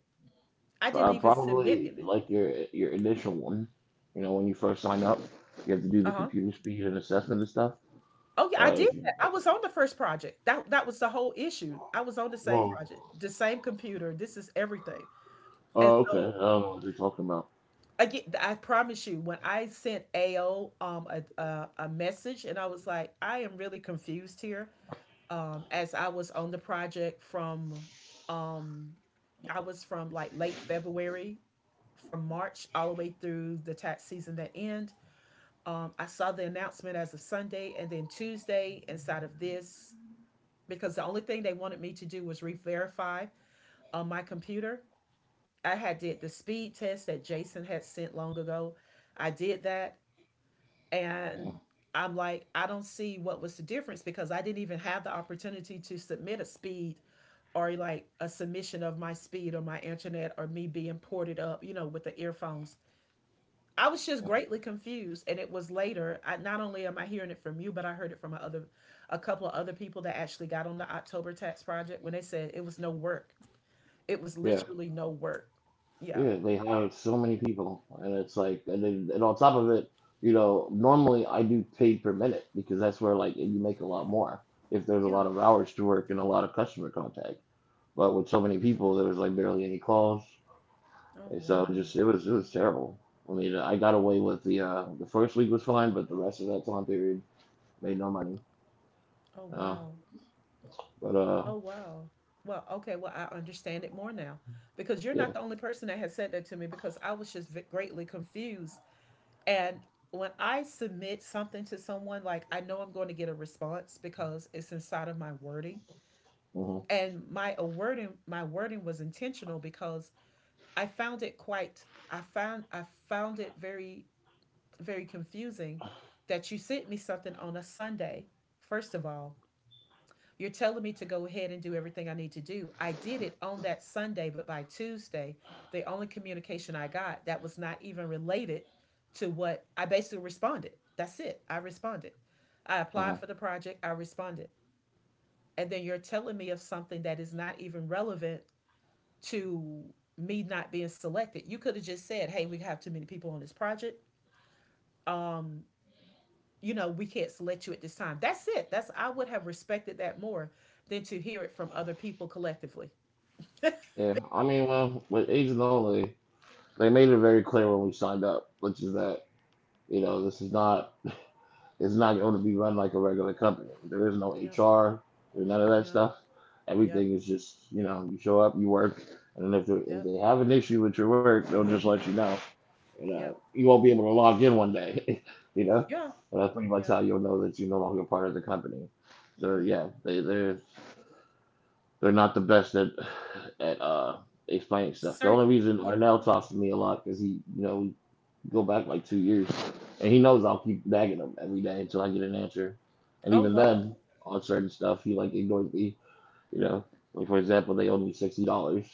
I didn't even submit
probably
it.
like your initial one. You know, when you first sign up, you have to
Uh
do the
huh.
computer speed and assessment and stuff.
Oh yeah, I did
If
that.
you,
I
if,
was on the first project. That was the whole issue. I was on the same
whoa,
project, the same computer. This is everything. And
oh okay, I
so
don't know what they're talking about.
again, I promise you, when I sent AO a message, and I was like, I am really confused here. As I was on the project from um I was from like late February from March all the way through the tax season that end. I saw the announcement as of Sunday and then Tuesday inside of this because the only thing they wanted me to do was re-verify on my computer. I had did the speed test that Jason had sent long ago. I did that
Mhm,
and I'm like, I don't see what was the difference because I didn't even have the opportunity to submit a speed or like a submission of my speed or my internet or me being ported up, you know, with the earphones. I was just
mhm.
greatly confused, and it was later. Not only am I hearing it from you, but I heard it from a couple of other people that actually got on the October Tax Project when they said it was no work. It was
Yeah,
literally no work. Yeah,
yeah, they have so many people, and it's like, and on top of it, you know, normally I do paid per minute because that's where like you make a lot more if there's a
yeah.
lot of hours to work and a lot of customer contact. But with so many
Ugh.
people, there was like barely any calls,
Oh
and so it
wow.
just it was terrible. I mean, I got away with the first week was fine, but the rest of that time period made no money.
Oh
Uh,
wow.
but
Oh wow. Well, okay. Well, I understand it more now because you're not
yeah.
the only person that has said that to me because I was just greatly confused. And when I submit something to someone, like I know I'm going to get a response because it's inside of my wording
Hmm.
and my wording was intentional because I found it quite I found it very confusing that you sent me something on a Sunday. First of all, you're telling me to go ahead and do everything I need to do. I did it on that Sunday, but by Tuesday, the only communication I got that was not even related to what I basically responded. That's it. I responded. I applied
Hmm.
for the project, I responded. And then you're telling me of something that is not even relevant to me not being selected. You could have just said, "Hey, we have too many people on this project. Um, you know, we can't select you at this time." That's it. That's I would have respected that more than to hear it from other people collectively.
Yeah. I mean, well, with Agent Only, they made it very clear when we signed up, which is that. You know, this is not it's not going to be run like a regular company. There is no
Yep.
HR, there's none of that
Yep.
stuff.
Yep.
Everything is just you know, you show up, you work, and then if
Yep.
they have an issue with your work, they'll just let you know. You
Yep.
know, you won't be able to log in 1 day. <laughs> You know,
Yeah.
and that's pretty much
Yeah,
how you'll know that you're no longer part of the company. So
yeah.
yeah, they're not the best at <sighs> at explaining stuff. The only
Certain.
reason
Yeah.
Arnell talks to me a lot is he you know go back like 2 years. And he knows I'll keep nagging him every day until I get an answer. And
Oh
even
wow.
then, on certain stuff, he like ignores me. You know, like for example, they owed me $60,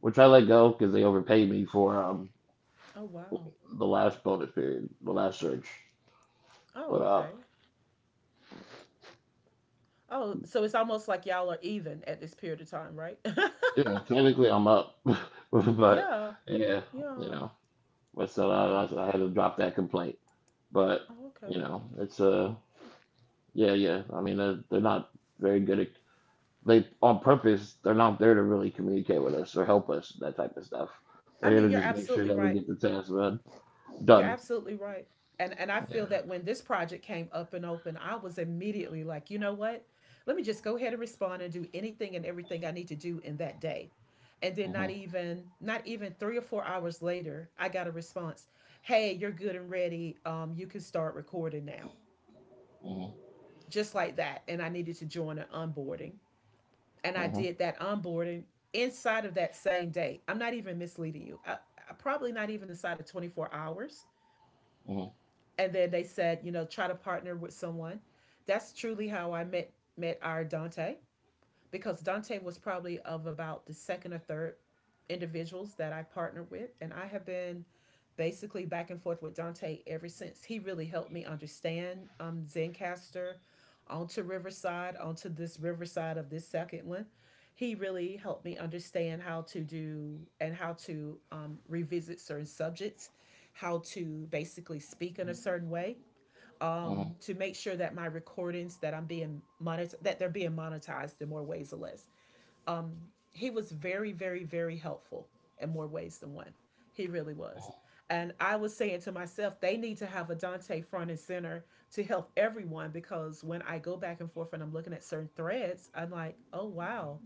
which I let go because they overpaid me for
Oh wow.
the last bonus period, the last search. But
Oh okay. Oh, so it's almost like y'all are even at this period of time, right? <laughs>
yeah, technically I'm up, <laughs> but
Yeah.
yeah, you
Yeah.
know, but so I,
Yeah.
I, had to drop that complaint. But
Oh,
you
okay.
know, it's yeah, yeah. I mean, they're not very good at they on purpose they're not there to really communicate with us or help us that type of stuff. They're
I
here
mean,
to
you're
just make sure
absolutely
that we
right.
get the task run
You're
done.
absolutely right. And I
Yeah.
feel that when this project came up and open, I was immediately like, you know what? Let me just go ahead and respond and do anything and everything I need to do in that day. And then not
Mhm,
even not even 3 or 4 hours later, I got a response. Hey, you're good and ready. You can start recording now.
mhm,
Just like that. And I needed to join an onboarding. And I
mhm,
did that onboarding inside of that same day. I'm not even misleading you. Probably not even inside of 24 hours.
mhm,
And then they said, try to partner with someone. That's truly how I met our Dante, because Dante was probably of about the second or third individuals that I partnered with. And I have been basically back and forth with Dante ever since. He really helped me understand Zencaster onto Riverside, onto this Riverside of this second one. He really helped me understand how to do and how to revisit certain subjects, how to basically speak in a certain way
mhm,
to make sure that my recordings that I'm being monetized, that they're being monetized in more ways or less. Um, he was very, very, very helpful in more ways than one. He really was. And I was saying to myself, they need to have a Dante front and center to help everyone, because when I go back and forth and I'm looking at certain threads, I'm like, oh, wow,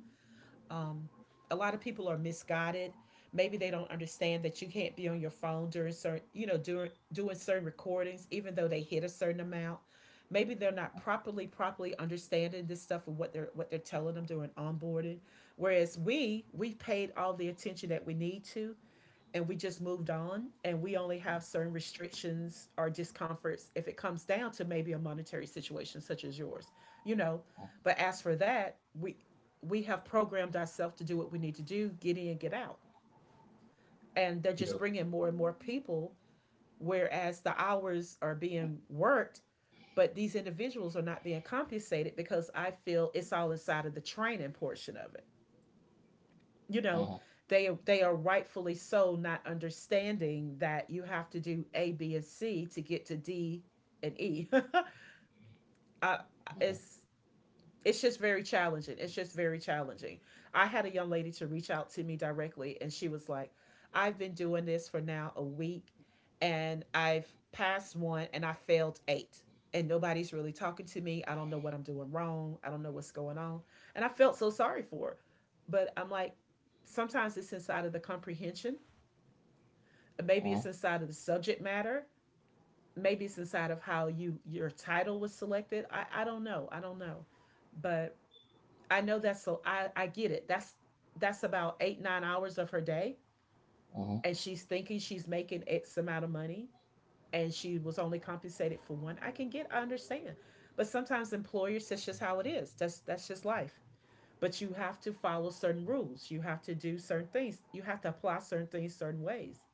um, a lot of people are misguided. Maybe they don't understand that you can't be on your phone during certain, during doing certain recordings, even though they hit a certain amount. Maybe they're not properly, properly understanding this stuff and what they're telling them during onboarding. Whereas we've paid all the attention that we need to, and we just moved on, and we only have certain restrictions or discomforts if it comes down to maybe a monetary situation such as yours you know
mhm.
but as for that, we have programmed ourselves to do what we need to do, get in, get out. And they're just
Yep.
bringing more and more people, whereas the hours are being worked, but these individuals are not being compensated because I feel it's all inside of the training portion of it you know
Mhm,
they are rightfully so not understanding that you have to do A B and C to get to D and E. <laughs> I,
mhm,
it's it's just very challenging. It's just very challenging. I had a young lady to reach out to me directly, and she was like, I've been doing this for now a week, and I've passed one and I failed eight. And nobody's really talking to me. I don't know what I'm doing wrong. I don't know what's going on. And I felt so sorry for her. But I'm like, sometimes it's inside of the comprehension. Maybe
mhm,
it's inside of the subject matter. Maybe it's inside of how you your title was selected. I don't know. I don't know. But I know that's so I get it. That's about 8 9 hours of her day,
mhm,
and she's thinking she's making X amount of money, and she was only compensated for one. I can get, I understand, but sometimes employers, that's just how it is. That's just life. But you have to follow certain rules. You have to do certain things. You have to apply certain things certain ways.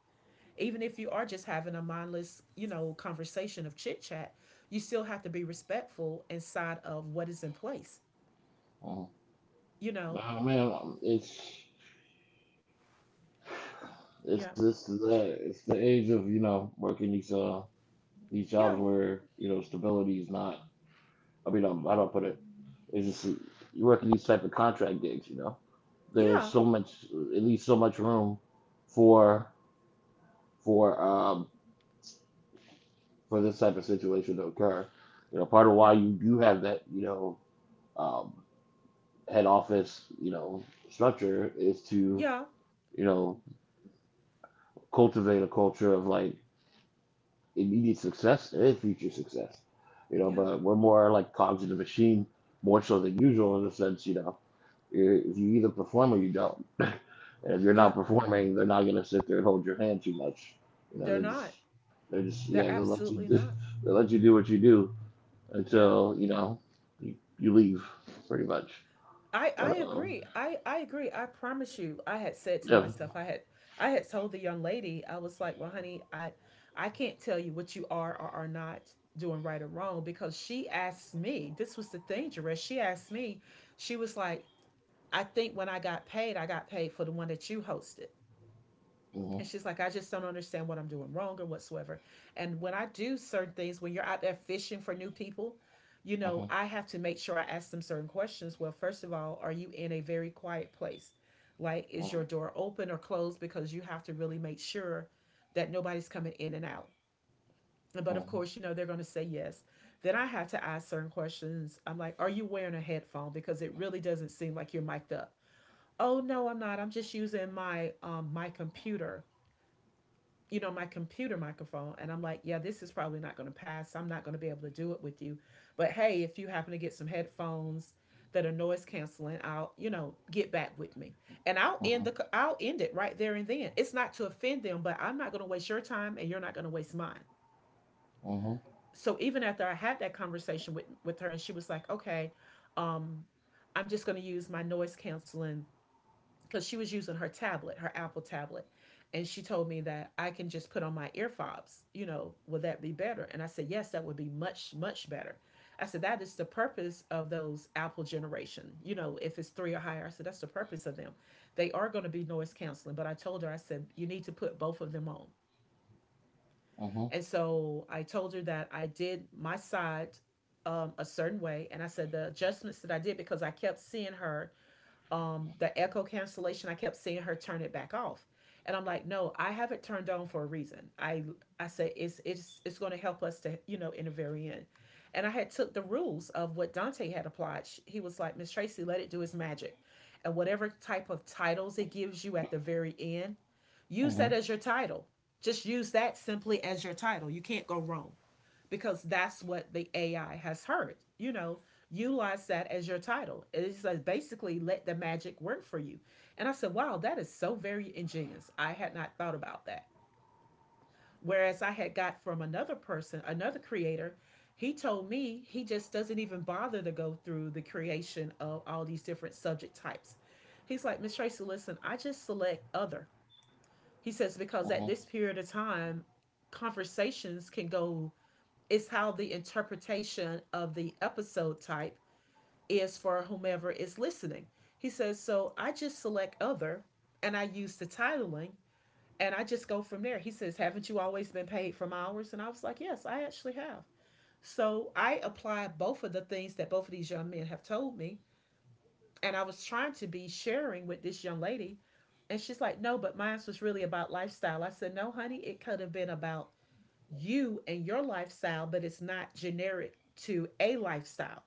Even if you are just having a mindless, conversation of chit chat, you still have to be respectful inside of what is in place.
mhm.
You know,
Oh man, it's
yeah,
this the it's the age of you know working these jobs
yeah,
where you know stability is not. I mean, how do I don't put it. It's just you work in these type of contract gigs, you know. There's
yeah.
so much, at least so much room for for um for this type of situation to occur. You know, part of why
Yeah,
you do have that, you know, um, head office, you know, structure is to
yeah,
you know cultivate a culture of like immediate success and future success. You know,
yeah,
but we're more like cogs in the machine, more so than usual in the sense, you know, if you either perform or you don't. <clears throat> <laughs> And if you're
yeah.
not performing, they're not gonna sit there and hold your hand too much. You know,
They're not.
they're just yeah,
They're
they'll let you
absolutely
do,
not.
<laughs> they'll let you do what you do
Yeah.
until, you know, you leave pretty much.
I
But
agree. I agree. I promise you. I had said to
yeah.
myself, I had told the young lady, I was like, "Well, honey, I can't tell you what you are or are not doing right or wrong," because she asked me. This was the thing, Jerez. She asked me. She was like, "I think when I got paid for the one that you hosted."
Mhm,
And she's like, I just don't understand what I'm doing wrong or whatsoever. And when I do certain things, when you're out there fishing for new people,
mhm, mhm,
I have to make sure I ask them certain questions. Well, first of all, are you in a very quiet place? Like, is your door open or closed? Because you have to really make sure that nobody's coming in and out. But of
mhm,
course, they're going to say yes. Then I have to ask certain questions. I'm like, are you wearing a headphone? Because it really doesn't seem like you're mic'd up. Oh, no, I'm not. I'm just using my my computer microphone. And I'm like, yeah, this is probably not going to pass. I'm not going to be able to do it with you. But hey, if you happen to get some headphones that are noise canceling, I'll get back with me. And I'll end
mhm,
the I I'll end it right there and then. It's not to offend them, but I'm not going to waste your time and you're not going to waste mine.
mhm,
So even after I had that conversation with her, and she was like, "Okay, um I'm just going to use my noise canceling," because she was using her tablet, her Apple tablet. And she told me that I can just put on my ear fobs. You know, would that be better? And I said, yes, that would be much, much better. I said, that is the purpose of those Apple generation. If it's three or higher, I said, that's the purpose of them. They are going to be noise canceling. But I told her, I said, you need to put both of them on.
mhm,
And so I told her that I did my side a certain way. And I said, the adjustments that I did, because I kept seeing her the echo cancellation, I kept seeing her turn it back off. And I'm like, no, I have it turned on for a reason. I said it's going to help us to in the very end. And I had took the rules of what Dante had applied. He was like, Miss Tracy, let it do its magic, and whatever type of titles it gives you at the very end, use
mhm.
that as your title. Just use that simply as your title. You can't go wrong, because that's what the AI has heard. Utilize that as your title. It is says, basically, let the magic work for you. And I said, wow, that is so very ingenious. I had not thought about that. Whereas I had got from another person, another creator, he told me he just doesn't even bother to go through the creation of all these different subject types. He's like, Miss Tracy, listen, I just select other. He says,
Uh
because
huh.
at this period of time, conversations can go is how the interpretation of the episode type is for whomever is listening. He says, so I just select other and I use the titling and I just go from there. He says, haven't you always been paid from hours? And I was like, yes, I actually have. So I applied both of the things that both of these young men have told me. And I was trying to be sharing with this young lady. And she's like, no, but mine was really about lifestyle. I said, no, honey, it could have been about you and your lifestyle, but it's not generic to a lifestyle.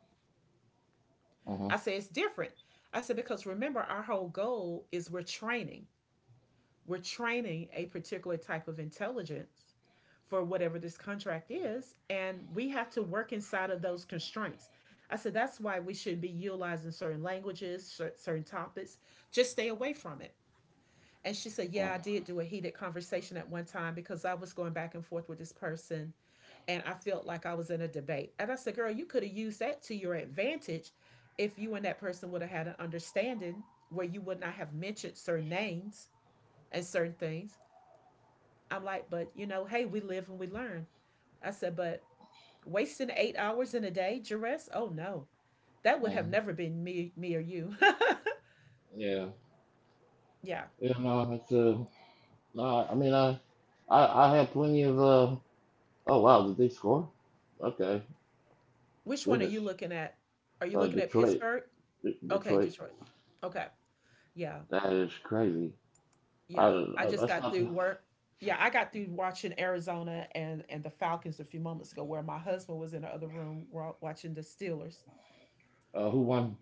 Uh
I say it's different. I said, because remember, our whole goal is we're training. We're training a particular type of intelligence for whatever this contract is, and we have to work inside of those constraints. I said, that's why we shouldn't be utilizing certain languages, certain topics. Just stay away from it. And she said,
huh.
yeah, I did do a heated conversation at one time because I was going back and forth with this person and I felt like I was in a debate. And I said, girl, you could have used that to your advantage if you and that person would have had an understanding where you would not have mentioned certain names and certain things. I'm like, but hey, we live and we learn. I said, but wasting 8 hours in a day, duress? Oh no, that would have
Mhm.
never been me or you.
Yeah,
<laughs> yeah.
yeah. No, it's no. I mean, I had plenty of Oh wow, did they score? Okay,
Which one are
goodness.
you looking at? Are you
Uh,
looking at
Detroit,
Pittsburgh? Okay,
Detroit.
Detroit. Okay. Yeah.
That is crazy. I,
Yeah, I
I
just
that's
got
not.
through work. Yeah, I got through watching Arizona and the Falcons a few moments ago, where my husband was in the other room watching the Steelers.
Who won?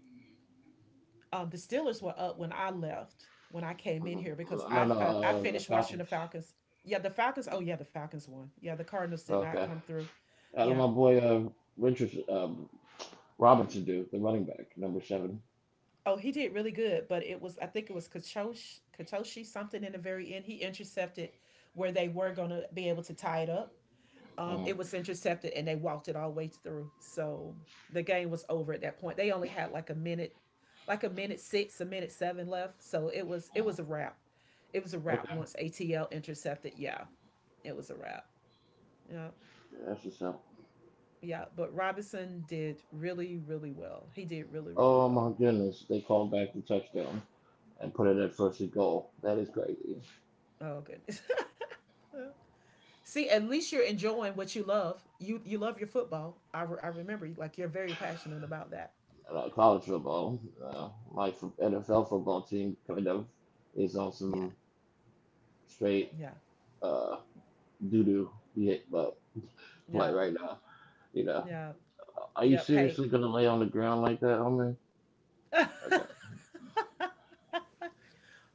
The Steelers were up when I left when I came in
Mhm.
here because
No, no.
I
The
finished watching the
Falcons.
Falcons. Yeah, the Falcons. Oh yeah, the Falcons won. Yeah, the Cardinals did not
Okay.
come through.
Out of
Yeah.
my boy, Richardson. Robinson do, the running back, number seven.
Oh, he did really good, but it was I think it was Kachoshi, Kachoshi something in the very end. He intercepted where they were gonna be able to tie it up,
Mm.
it was intercepted and they walked it all the way through. So the game was over at that point. They only had like a minute six, a minute seven left. So it was a wrap. It was a wrap
Okay.
once ATL intercepted. Yeah, it was a wrap. Yeah,
Yeah, that's what's up.
yeah. But Robinson did really, really well. He did really, really
Oh my
well.
goodness, they called back the touchdown and put it at first and goal. That is crazy.
Oh goodness. <laughs> See, at least you're enjoying what you love. You love your football. I remember like you're very passionate about that.
And college football, my NFL football team kind of is on
Yeah,
some straight
yeah,
uh, doo-doo hit, but play
yeah,
right now. You know,
yeah,
are you
yeah. Hey,
seriously gonna lay on the ground like that, homie? Okay.
<laughs>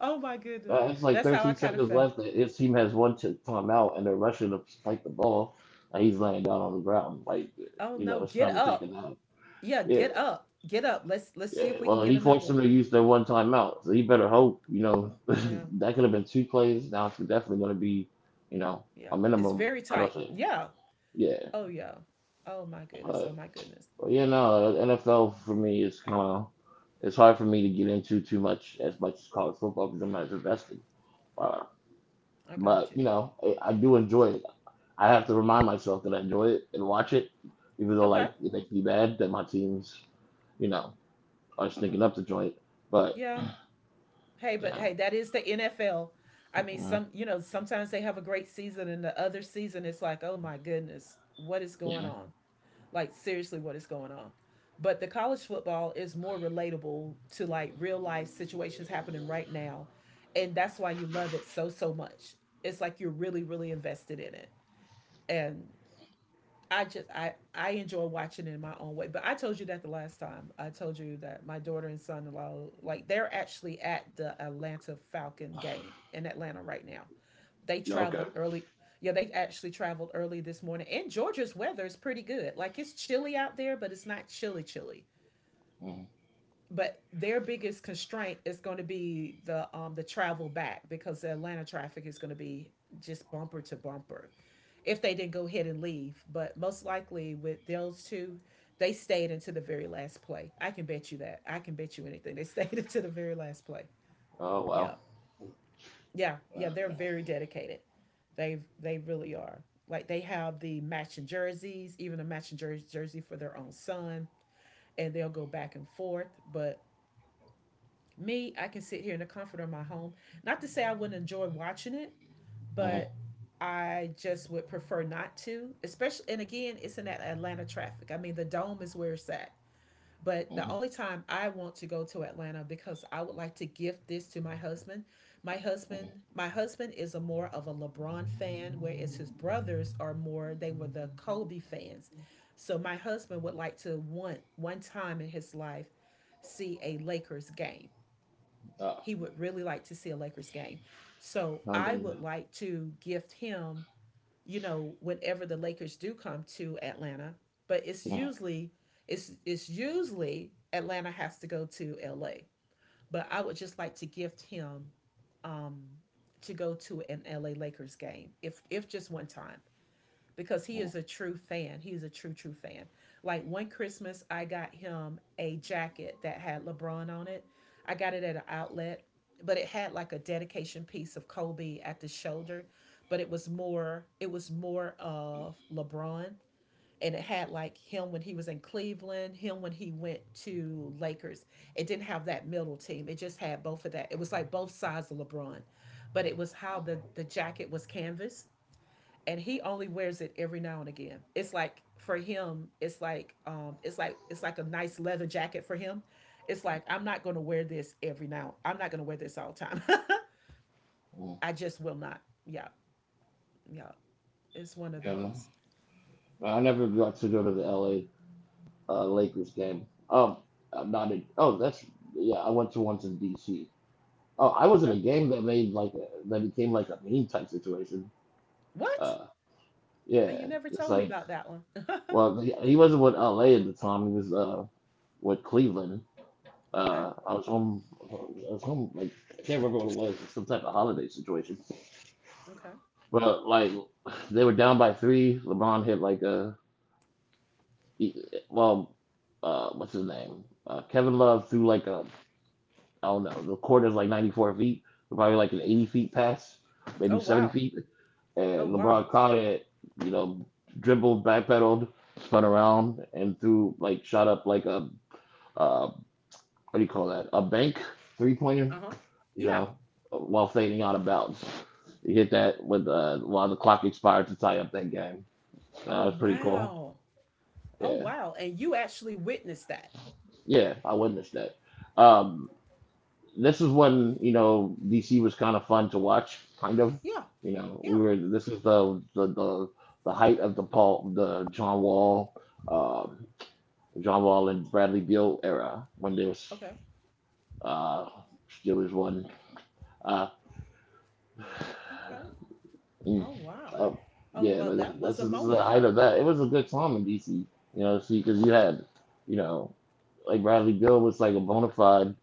oh my goodness.
It's like
That's how I
13
kind of
seconds
felt.
left. And his team has timeout, and they're rushing to fight the ball, and he's laying down on the ground. Like,
Oh
you
no,
know, it's
get
time to take a
up.
nap.
Yeah,
Yeah,
get up. Get up. Let's see
yeah.
if we can
Well,
get
he
another
forced him
one.
to use their one timeout, so he better hope, you know, <laughs>
Yeah.
that could have been two plays. Now it's definitely going to be, you know,
Yeah.
a
It's
minimum.
very
I
tight.
don't think.
Yeah.
Yeah,
Oh yeah. Oh my goodness. Oh
but,
my goodness.
but yeah, no. NFL for me is kind of it's hard for me to get into too much as college football because I'm not invested. Uh,
I got
but
you.
you know, I do enjoy it. I have to remind myself that I enjoy it and watch it, even though
Okay.
like it makes me mad that my teams, you know, are sneaking up to joint. But
Yeah. Hey, but
yeah,
hey, that is the NFL. I mean,
mm
some sometimes they have a great season and the other season it's like, "Oh my goodness, what is going
yeah,
on?" Like, seriously, what is going on? But the college football is more relatable to like real life situations happening right now. And that's why you love it so, so much. It's like you're really, really invested in it. And I just I enjoy watching it in my own way. But I told you that the last time. I told you that my daughter and son-in-law like they're actually at the Atlanta Falcon game in Atlanta right now. They
yeah, okay.
traveled early. Yeah, they actually traveled early this morning. And Georgia's weather is pretty good. Like it's chilly out there, but it's not chilly chilly.
Mm.
But their biggest constraint is going to be the travel back because the Atlanta traffic is going to be just bumper to bumper if they didn't go ahead and leave. But most likely with those two, they stayed into the very last play. I can bet you that. I can bet you anything. They <laughs> stayed into the very last play.
Oh wow.
Yeah. Yeah,
Yeah.
yeah, they're very dedicated. They really are. Like they have the matching jerseys, even a matching jersey for their own son, and they'll go back and forth. But me, I can sit here in the comfort of my home. Not to say I wouldn't enjoy watching it, but
Mm-hmm.
I just would prefer not to. Especially, and again, it's in that Atlanta traffic. I mean, the dome is where it's at. But the
Hmm.
only time I want to go to Atlanta because I would like to gift this to my husband. My husband,
Hmm.
my husband is a more of a LeBron fan, whereas his brothers are more they were the Kobe fans. So my husband would like to want one time in his life see a Lakers game.
Uh,
He would really like to see a Lakers game. So
I've
I would
been.
like to gift him you know, whenever the Lakers do come to Atlanta, but it's
Mm-hmm.
usually it's usually Atlanta has to go to LA. But I would just like to gift him um to go to an LA Lakers game if just one time because he is a true fan. He is a true, true fan. Like one Christmas, I got him a jacket that had LeBron on it. I got it at an outlet, but it had like a dedication piece of Kobe at the shoulder, but it was more of LeBron and it had like him when he was in Cleveland, him when he went to Lakers. It didn't have that middle team. It just had both of that. It was like both sides of LeBron. But it was how the jacket was canvas and he only wears it every now and again. It's like for him, it's like it's like it's like a nice leather jacket for him. It's like I'm not gonna wear this every now. I'm not gonna wear this all the time. <laughs>
Hmm.
I just will not. Yeah, yeah. It's one of
Yeah, no.
those.
No, I never got to go to the L.A. Lakers game. I'm not in. Oh, that's yeah. I went to once in D.C. Oh, I was at
Okay.
a game that made like a, that became like a meme type situation.
What?
Uh,
Oh,
yeah,
you never
it's
told me
like
about that one. <laughs>
well, he wasn't with LA at the time. He was with Cleveland.
Okay.
I was home. I was home. Like I can't remember what it was. Some type of holiday situation.
Okay.
But like they were down by three. LeBron hit like a he, well, what's his name? Kevin Love threw like a I don't know. The court is like 94 feet. Probably like an 80 feet pass, maybe
Oh
70
wow.
feet. And
Oh
LeBron
wow.
caught it. You know, dribbled, backpedaled, spun around, and threw like shot up like a uh, what do you call that? A bank three pointer,
Uh huh.
you
Yeah.
know, while fading out of bounds. He hit that with while the clock expired to tie up that game. That was
Oh
pretty cool.
wow. Oh
Yeah,
wow. And you actually witnessed that.
yeah, I witnessed that. Um, this is when you know DC was kind of fun to watch, kind of.
Yeah.
You know, we
Yeah.
were. This is the height of the Paul, the John Wall, um, John Wall and Bradley Beal era when there was
Okay.
uh, Steelers won. Uh,
Okay.
Mm.
Oh wow.
Oh,
Oh
yeah,
well, that
that's
was a
this is the
moment.
height of that. It was a good time in DC, you know, see, because you had, you know, like Bradley Bill was like a bona fide,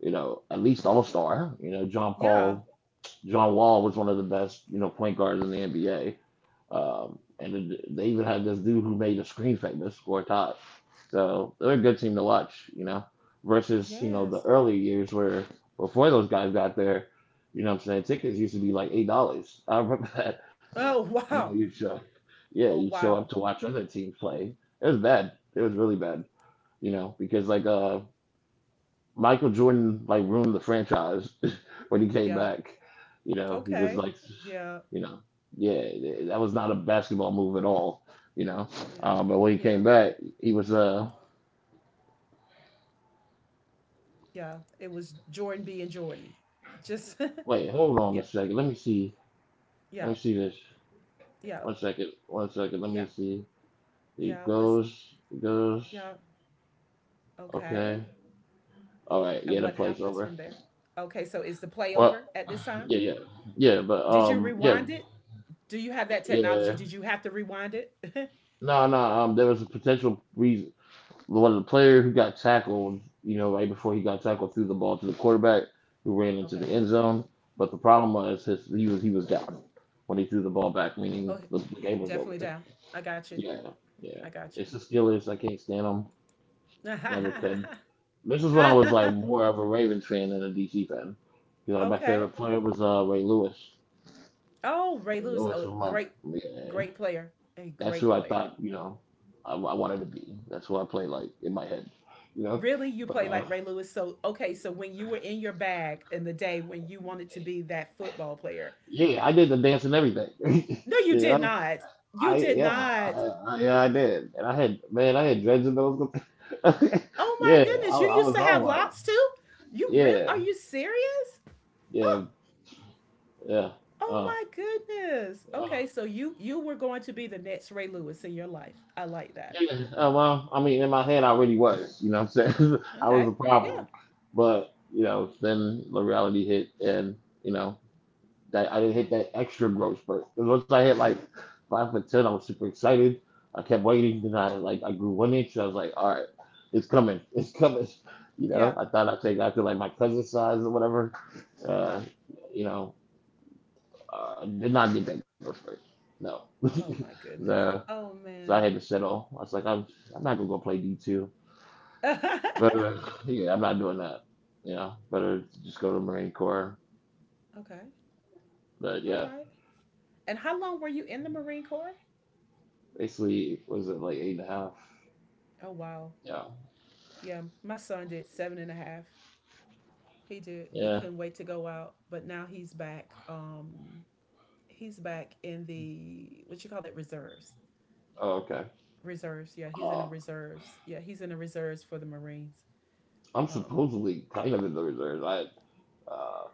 you know, at least all star. You know, John
Yeah.
Paul, John Wall was one of the best, you know, point guards in the NBA. And then they even had this dude who made the screen famous, score Todd. So they're a good team to watch, you know, versus, you know, the
Yes.
early years where before those guys got there, you know what I'm saying, tickets used to be like $8. I remember <laughs> that
Oh <laughs>
I know
wow.
you show, yeah,
Oh
you show up
wow.
to watch other teams play. It was bad. It was really bad, you know, because Michael Jordan like ruined the franchise <laughs> when he came
Yeah.
back. You know, he was
Okay.
like,
Yeah.
you know, yeah, that was not a basketball move at all. You know,
Yeah.
but when he
Yeah.
came back, he was
Yeah. It was Jordan being Jordan. Just
wait, hold
<laughs>
on
yeah.
a second. Let me see. Let
Yeah.
me see this.
Yeah.
One second. One second. Let me
Yeah.
see. He
Yeah. It was
goes. He goes.
yeah. Okay.
Okay. All right.
And
Yeah, the
what
play's
happens
over.
from there? Okay. So is the play
Well,
over at this time?
yeah, yeah, yeah.
Did you rewind it? Do you have that technology?
Yeah.
Did you have to rewind it? <laughs>
No, no. There was a potential reason. One of the player who got tackled, you know, right before he got tackled, threw the ball to the quarterback who ran into
Okay.
the end zone. But the problem was his he was down when he threw the ball back, meaning
Oh,
the game was over.
definitely down. I got you.
Yeah, yeah.
I got
It's
you.
the Steelers. I can't stand them. Never could.
<laughs>
This is when I was like more of a Ravens fan than a DC fan. You know, my favorite
Okay.
player was Ray Lewis.
Oh, Ray
Ray
Lewis,
Lewis
a
was my
great,
yeah.
great player. A
That's
great
who I thought,
player.
you know, I wanted to be. That's who I played like in my head, you know.
Really, you
But
play like Ray Lewis. So, okay, so when you were in your bag in the day when you wanted to be that football player.
Yeah, I did the dance and everything. <laughs>
No, you
you
did
know,
not. You
I
did
yeah,
not.
yeah, I did, and I had man, I had dreads in those.
Oh
<laughs>
my
yeah, I,
goodness, you
I
used to
was on
have
one.
lots too? You real
Yeah,
are you serious?
yeah,
Oh,
yeah.
oh
Uh,
my goodness.
uh,
Okay, so you were going to be the next Ray Lewis in your life. I like that.
yeah, well, I mean, in my head, I really was. You know, what I'm saying. <laughs> I was
Okay.
a
Yeah.
problem, but you know, then the reality hit, and you know, that I didn't hit
Yeah.
that extra growth spurt. Because once I hit like five foot ten, I was super excited. I kept waiting, then I grew one inch. And I was like, all right, it's coming, <laughs> it's coming. You know,
Yeah.
I thought I'd take after like my cousin's size or whatever. Uh,
Uh-huh.
you know, did not get that growth spurt. No, <laughs>
Oh my goodness.
so,
Oh
so I had to
man.
settle. I was like, I'm not gonna go play D two. But
<laughs>
Yeah, I'm not doing that. You know, better just go to Marine Corps.
Okay.
But
All
yeah,
right. And how long were you in the Marine Corps?
basically, what was it like eight and a half?
Oh wow.
Yeah.
Yeah, my son did seven and a half. He did. He
Yeah.
couldn't wait to go out, but now he's back. He's back in the what you call it reserves.
Oh, okay.
Reserves. Yeah, he's in the
Um,
reserves. Yeah, he's in the reserves for the Marines.
I'm
Um.
supposedly kind of in the reserves. Uh,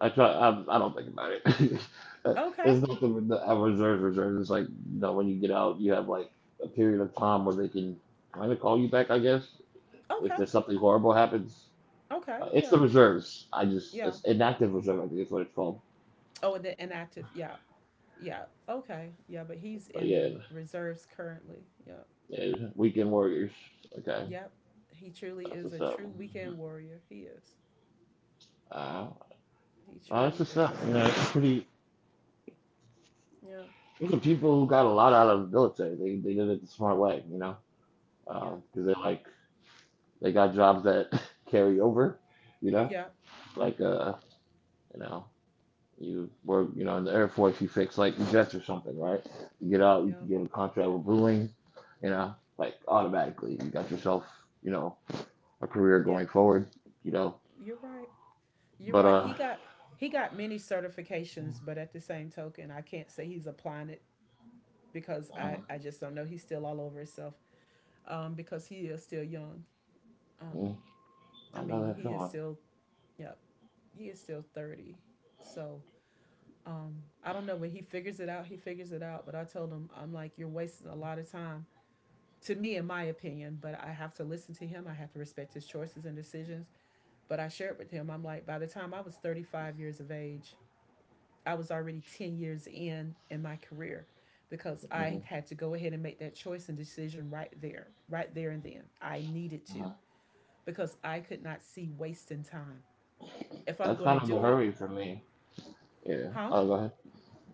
I try. I don't think about it. <laughs>
Okay.
It's not with the reserves. Reserves. It's like you know when you get out, you have like a period of time where they can kind of call you back. I guess if
Okay.
there's something horrible happens,
Okay.
it's the
Yeah.
reserves. I just
Yeah.
it's inactive reserve. I think is what it's called.
Oh, and then inactive. Yeah. Yeah. Okay. Yeah, but he's
But
in the
yeah,
reserves currently. Yeah.
yeah, weekend warriors. Okay,
Yep. He truly
that's
is
what's
a
up.
true weekend warrior. He is.
Uh,
He
that's
truly
what's up.
is.
You know, it's pretty.
Yep.
There's some people who got a lot out of the military. They did it the smart way, you know, because
Yep.
they like they got jobs that <laughs> carry over, you know,
Yep.
like uh, you know, you work, you know, in the Air Force, you fix like jets or something, right? You get out, you
Yep.
can get a contract with Boeing, you know, like automatically, you got yourself, you know, a career going
Yep.
forward, you know.
You're right. You're
But
right.
uh,
He got many certifications, but at the same token, I can't say he's applying it because I
uh,
I just don't know. He's still all over himself. Because he is still young. Um,
mm,
I
I know
mean,
that
he is
feeling.
still yep. He is still 30. So I don't know when he figures it out. He figures it out. But I told him I'm like you're wasting a lot of time to me, in my opinion, but I have to listen to him. I have to respect his choices and decisions. But I shared with him, I'm like, by the time I was 35 years of age, I was already 10 years in my career because I had to go ahead and make that choice and decision right there, right there and then. I needed to
hmm
because I could not see wasting time. If I'm
That's
going to
kind of the
do it,
hurry for me. Yeah.
huh?
Oh, go ahead.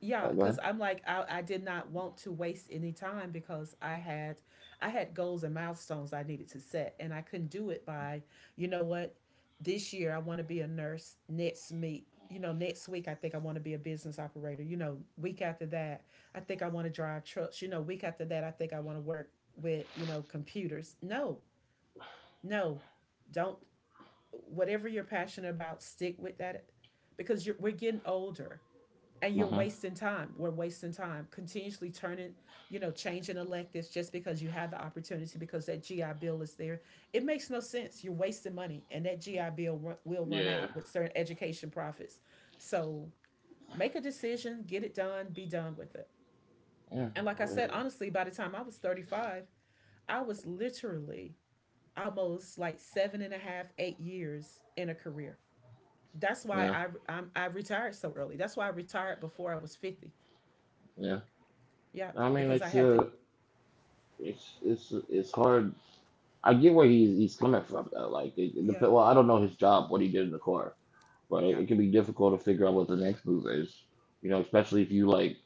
Yeah,
Oh, go
because
ahead.
I'm like I did not want to waste any time because I had goals and milestones I needed to set and I couldn't do it by you know what this year I want to be a nurse next meet you know next week I think I want to be a business operator you know week after that I think I want to drive trucks you know week after that I think I want to work with you know computers. No, no, don't. Whatever you're passionate about, stick with that because we're getting older and you're
hmm
wasting time. We're wasting time continuously turning, you know, changing electives just because you have the opportunity because that GI Bill is there. It makes no sense. You're wasting money, and that will run
Yeah.
out with certain education profits. So make a decision, get it done, be done with it.
Yeah,
And like I
well,
said, honestly, by the time I was 35, I was literally almost like seven and a half, 8 years in a career. That's why
yeah,
I retired so early. That's why I retired before I was 50.
yeah.
Yeah,
I mean,
because I had to.
it's it's hard. I get where he's coming from though. Like,
Yeah,
well, I don't know his job, what he did in the car, but
yeah,
it can be difficult to figure out what the next move is. You know, especially if you like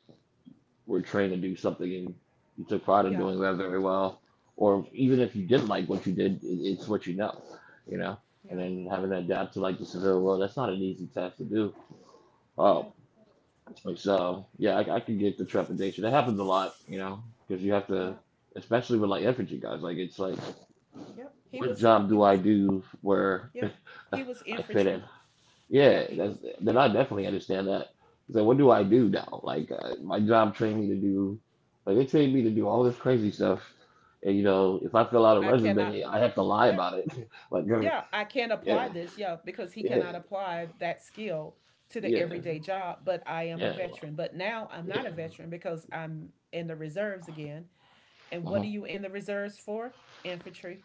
were trained to do something and you took pride in
yeah,
doing that very well, or even if you didn't like what you did, it's what you know. You know, and
yeah,
then having to adapt to like the civil world, that's not an easy task to do.
yeah,
Oh, like so, yeah, I can get the trepidation. That happens a lot, you know, because you have
yeah,
to, especially with like infantry guys. Like it's like,
yep.
what job do I do where
Yep. He was
I fit
infantry.
in?
Yep,
Yeah,
he
that's
was,
then I
yep,
definitely understand that. It's like, what do
yeah,
I do now? Like my job
yep.
trained me to do, like they trained me to do all this crazy stuff, and you know, if I fill out a
I cannot,
resume, I have to lie
yeah,
about it. <laughs> like,
yeah, I can't
yeah,
apply this, yeah, because he
yeah,
cannot apply that skill to the
yeah,
everyday job, but I am a
yeah,
veteran. But now I'm
yeah.
not a veteran because I'm in the reserves again. And what
Uh-huh.
are you in the reserves for? Infantry.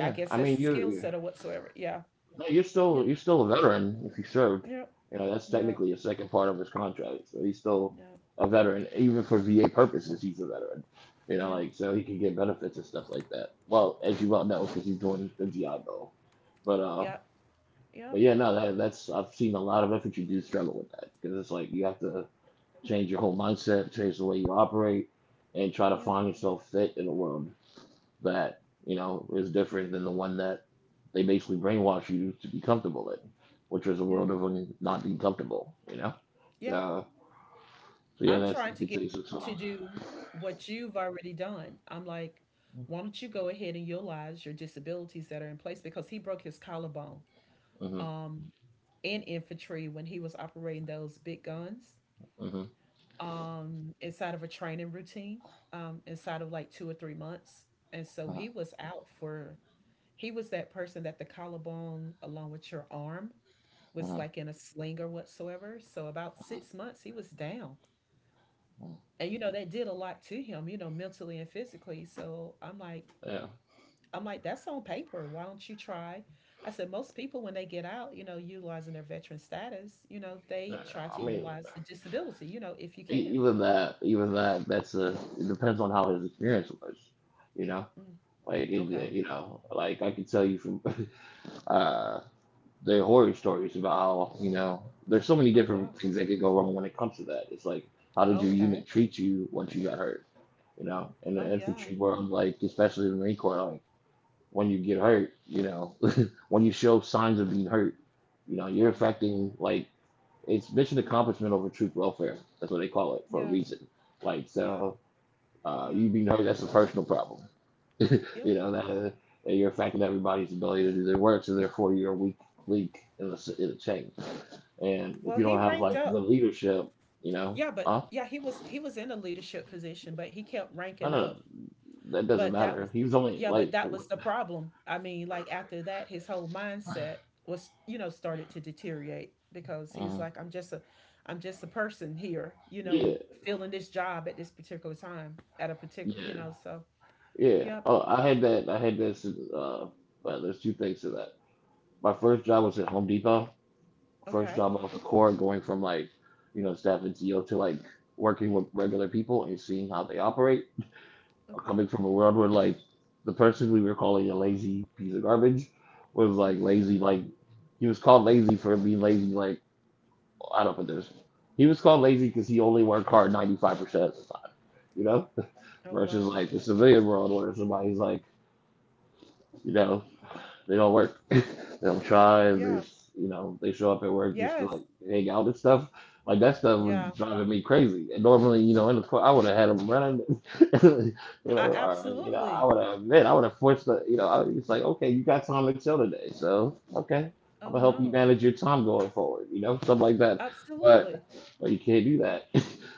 I guess
I
that's
mean,
the skill
you.
set or whatsoever. Yeah,
No,
yeah,
you're still a veteran if you served.
yep.
You know, that's
Yeah,
technically a second part of his contract. So he's still
yeah,
a veteran, even for VA purposes. He's a veteran. You know,
yeah.
like so he can get benefits and stuff like that. Well, as you well know, because he's doing the GI Bill. But uh,
Yep,
but
yep,
yeah, no, that's I've seen a lot of infantry dudes struggle with that because it's like you have to change your whole mindset, change the way you operate, and try to
yep,
find yourself fit in the world that you know is different than the one that they basically brainwash you to be comfortable in, which is a
yep,
world of not being comfortable. You know,
yep.
so so yeah,
I'm
that's
trying
it.
to
Could
get
taste of
him to do what you've already done. I'm like, why don't you go ahead and utilize your disabilities that are in place because he broke his collarbone
mhm,
um, in infantry when he was operating those big guns
mm mhm,
inside of a training routine inside of like 2 or 3 months. And so
mhm,
he was out for, he was that person that the collarbone along with your arm was
mhm,
like in a sling or whatsoever. So about
mm
6 months he was down.
mhm.
And you know, that did a lot to him, you know, mentally and physically. So I'm like
Yeah,
that's on paper. Why don't you try? I said, most people when they get out, you know, utilizing their veteran status, you know,
yeah.
they try to
I mean,
utilize the disability, you know, if you can.
even even that, that's a. It depends on how his experience was. You know,
Mm,
like it,
okay.
you know, like I can tell you from. <laughs> uh the horror stories about how you know there's so many
Oh wow.
different things that could go wrong when it comes to that. It's like how did your
Okay.
unit treat you once you got hurt? You know, in
Oh
the
yeah.
infantry world, like especially the Marine Corps, like when you get hurt, you know, <laughs> when you show signs of being hurt, you know, you're
Yeah.
affecting like it's mission accomplishment over troop welfare. That's what they call it for a
Yeah.
reason. Like
Yeah.
so,
Yeah.
you being hurt, that's a personal problem. <laughs>
Yeah.
You know that you're affecting everybody's ability to do their work, so therefore you're a weak link in the chain. And if
Well,
you
he
don't have
ranked
like the
up.
leadership, you know,
Yeah, but
uh,
yeah, he was in a leadership position, but he kept
no, no,
ranking up.
that doesn't
But
matter.
that
He
was,
was only
yeah,
like,
but that was the problem. I mean, like after that, his whole mindset was, you know, started to deteriorate because he
uh,
was like, I'm just a person here, you
yeah,
know, filling this job at this particular time, at a particular, you
yeah,
know, so,
yeah.
yep.
Oh, I had that. I had this. Well, there's two things to that. My first job was at Home Depot. First
Okay.
job off the core, going from like, you know, staff and CEO to like working with regular people and seeing how they operate
Okay.
coming from a world where like the person we were calling a lazy piece of garbage was like
Hmm.
lazy like he was called lazy for being lazy like I don't put this he was called lazy because he only worked hard 95% of the time. You know <laughs>
Oh,
versus like
wow.
the civilian world where somebody's like you know they don't work. <laughs> They don't try. They
Yeah.
just, you know, they show up at work just to
Yes.
like hang out and stuff. Like that stuff was
Yeah.
driving me crazy. And normally, you know, in the court, I would have had them running. <laughs> You know,
I
or, you know, I
absolutely.
would have, man, I would have forced the, you know, I, it's like, okay, you got time to chill today, so okay, I'm
Oh,
gonna help you
no.
manage your time going forward. You know, stuff like that. But,
Absolutely.
but you can't do that. <laughs>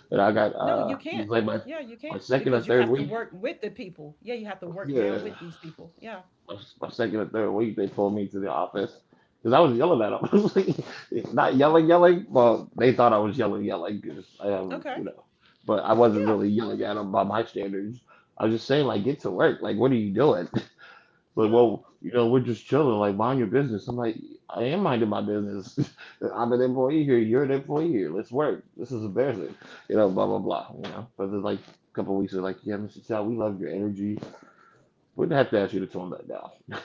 But I got
No, you
this is
can't.
like
Yeah, you
my
can't
second or
because you
third
have to
week.
work with the people. Yeah, you have to work
Yeah,
now with these people. Yeah.
my second or third week, they pulled me to the office because I was yelling at them. <laughs> I was like,
Oh,
not yelling,
wow.
yelling. Well, they thought I was yelling, yelling because I am,
Okay.
you know, but I wasn't
Yeah.
really yelling at them by my standards. I was just saying, like, get to work. Like, what are you doing? <laughs> Like,
Yeah.
well, you know, we're just chilling. Like, mind your business. I'm like, I am minding my business. <laughs> I'm an employee here. You're an employee here. Let's work. This is embarrassing. You know, blah blah blah. You know, but then like a couple of weeks, they're like, yeah, Mr. Chow, we love your energy. We'd have to ask you to tone that down.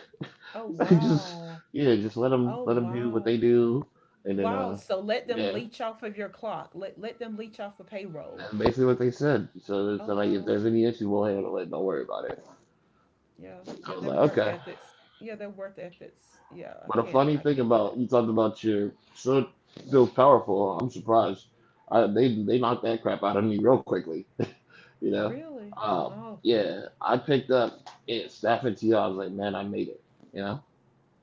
Oh,
<laughs> Just
wow.
yeah, just
Oh,
let them do what
wow.
they do, and then
Wow. So let them
yeah,
leech off of your clock. Let them leech off of payroll.
that's basically what they said. So it's
Oh,
like if
wow.
there's any issue, we'll handle it. Don't worry about it.
Yeah.
I
Yeah,
was
their
like,
work
okay.
ethics. Yeah, their work ethics. Yeah, I
But a
can't
funny
I
thing
can't do
about
that.
you talked about your son feels powerful. I'm surprised. I, they knocked that crap out of me real quickly. <laughs> You know,
Really?
um,
Oh,
yeah. I picked up it Staff and T. I was like, man, I made it. You know.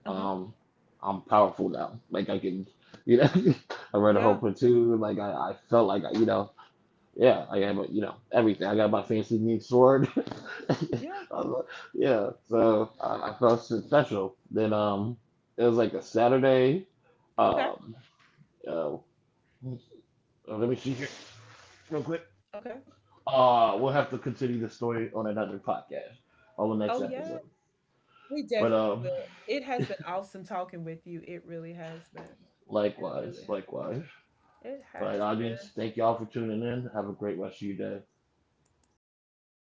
uh-huh.
Um, I'm powerful now. Like I can, you know, <laughs> I read a whole
Yeah.
platoon. Like I felt like you know, yeah, I
Yeah.
am, you know, everything. I got my fancy new sword. <laughs>
Yeah.
I was like, yeah,
Yeah.
so I felt so special. Then it was like a Saturday.
Okay.
Um, oh, Let me see here real quick.
Okay.
We'll have to continue the story on another podcast on the next
Oh, yeah.
episode.
We definitely
But
will. It has been awesome talking with you. It really has been. It really
Likewise,
has.
likewise.
It
All right,
has been.
audience, thank y'all for tuning in. Have a great rest of your day.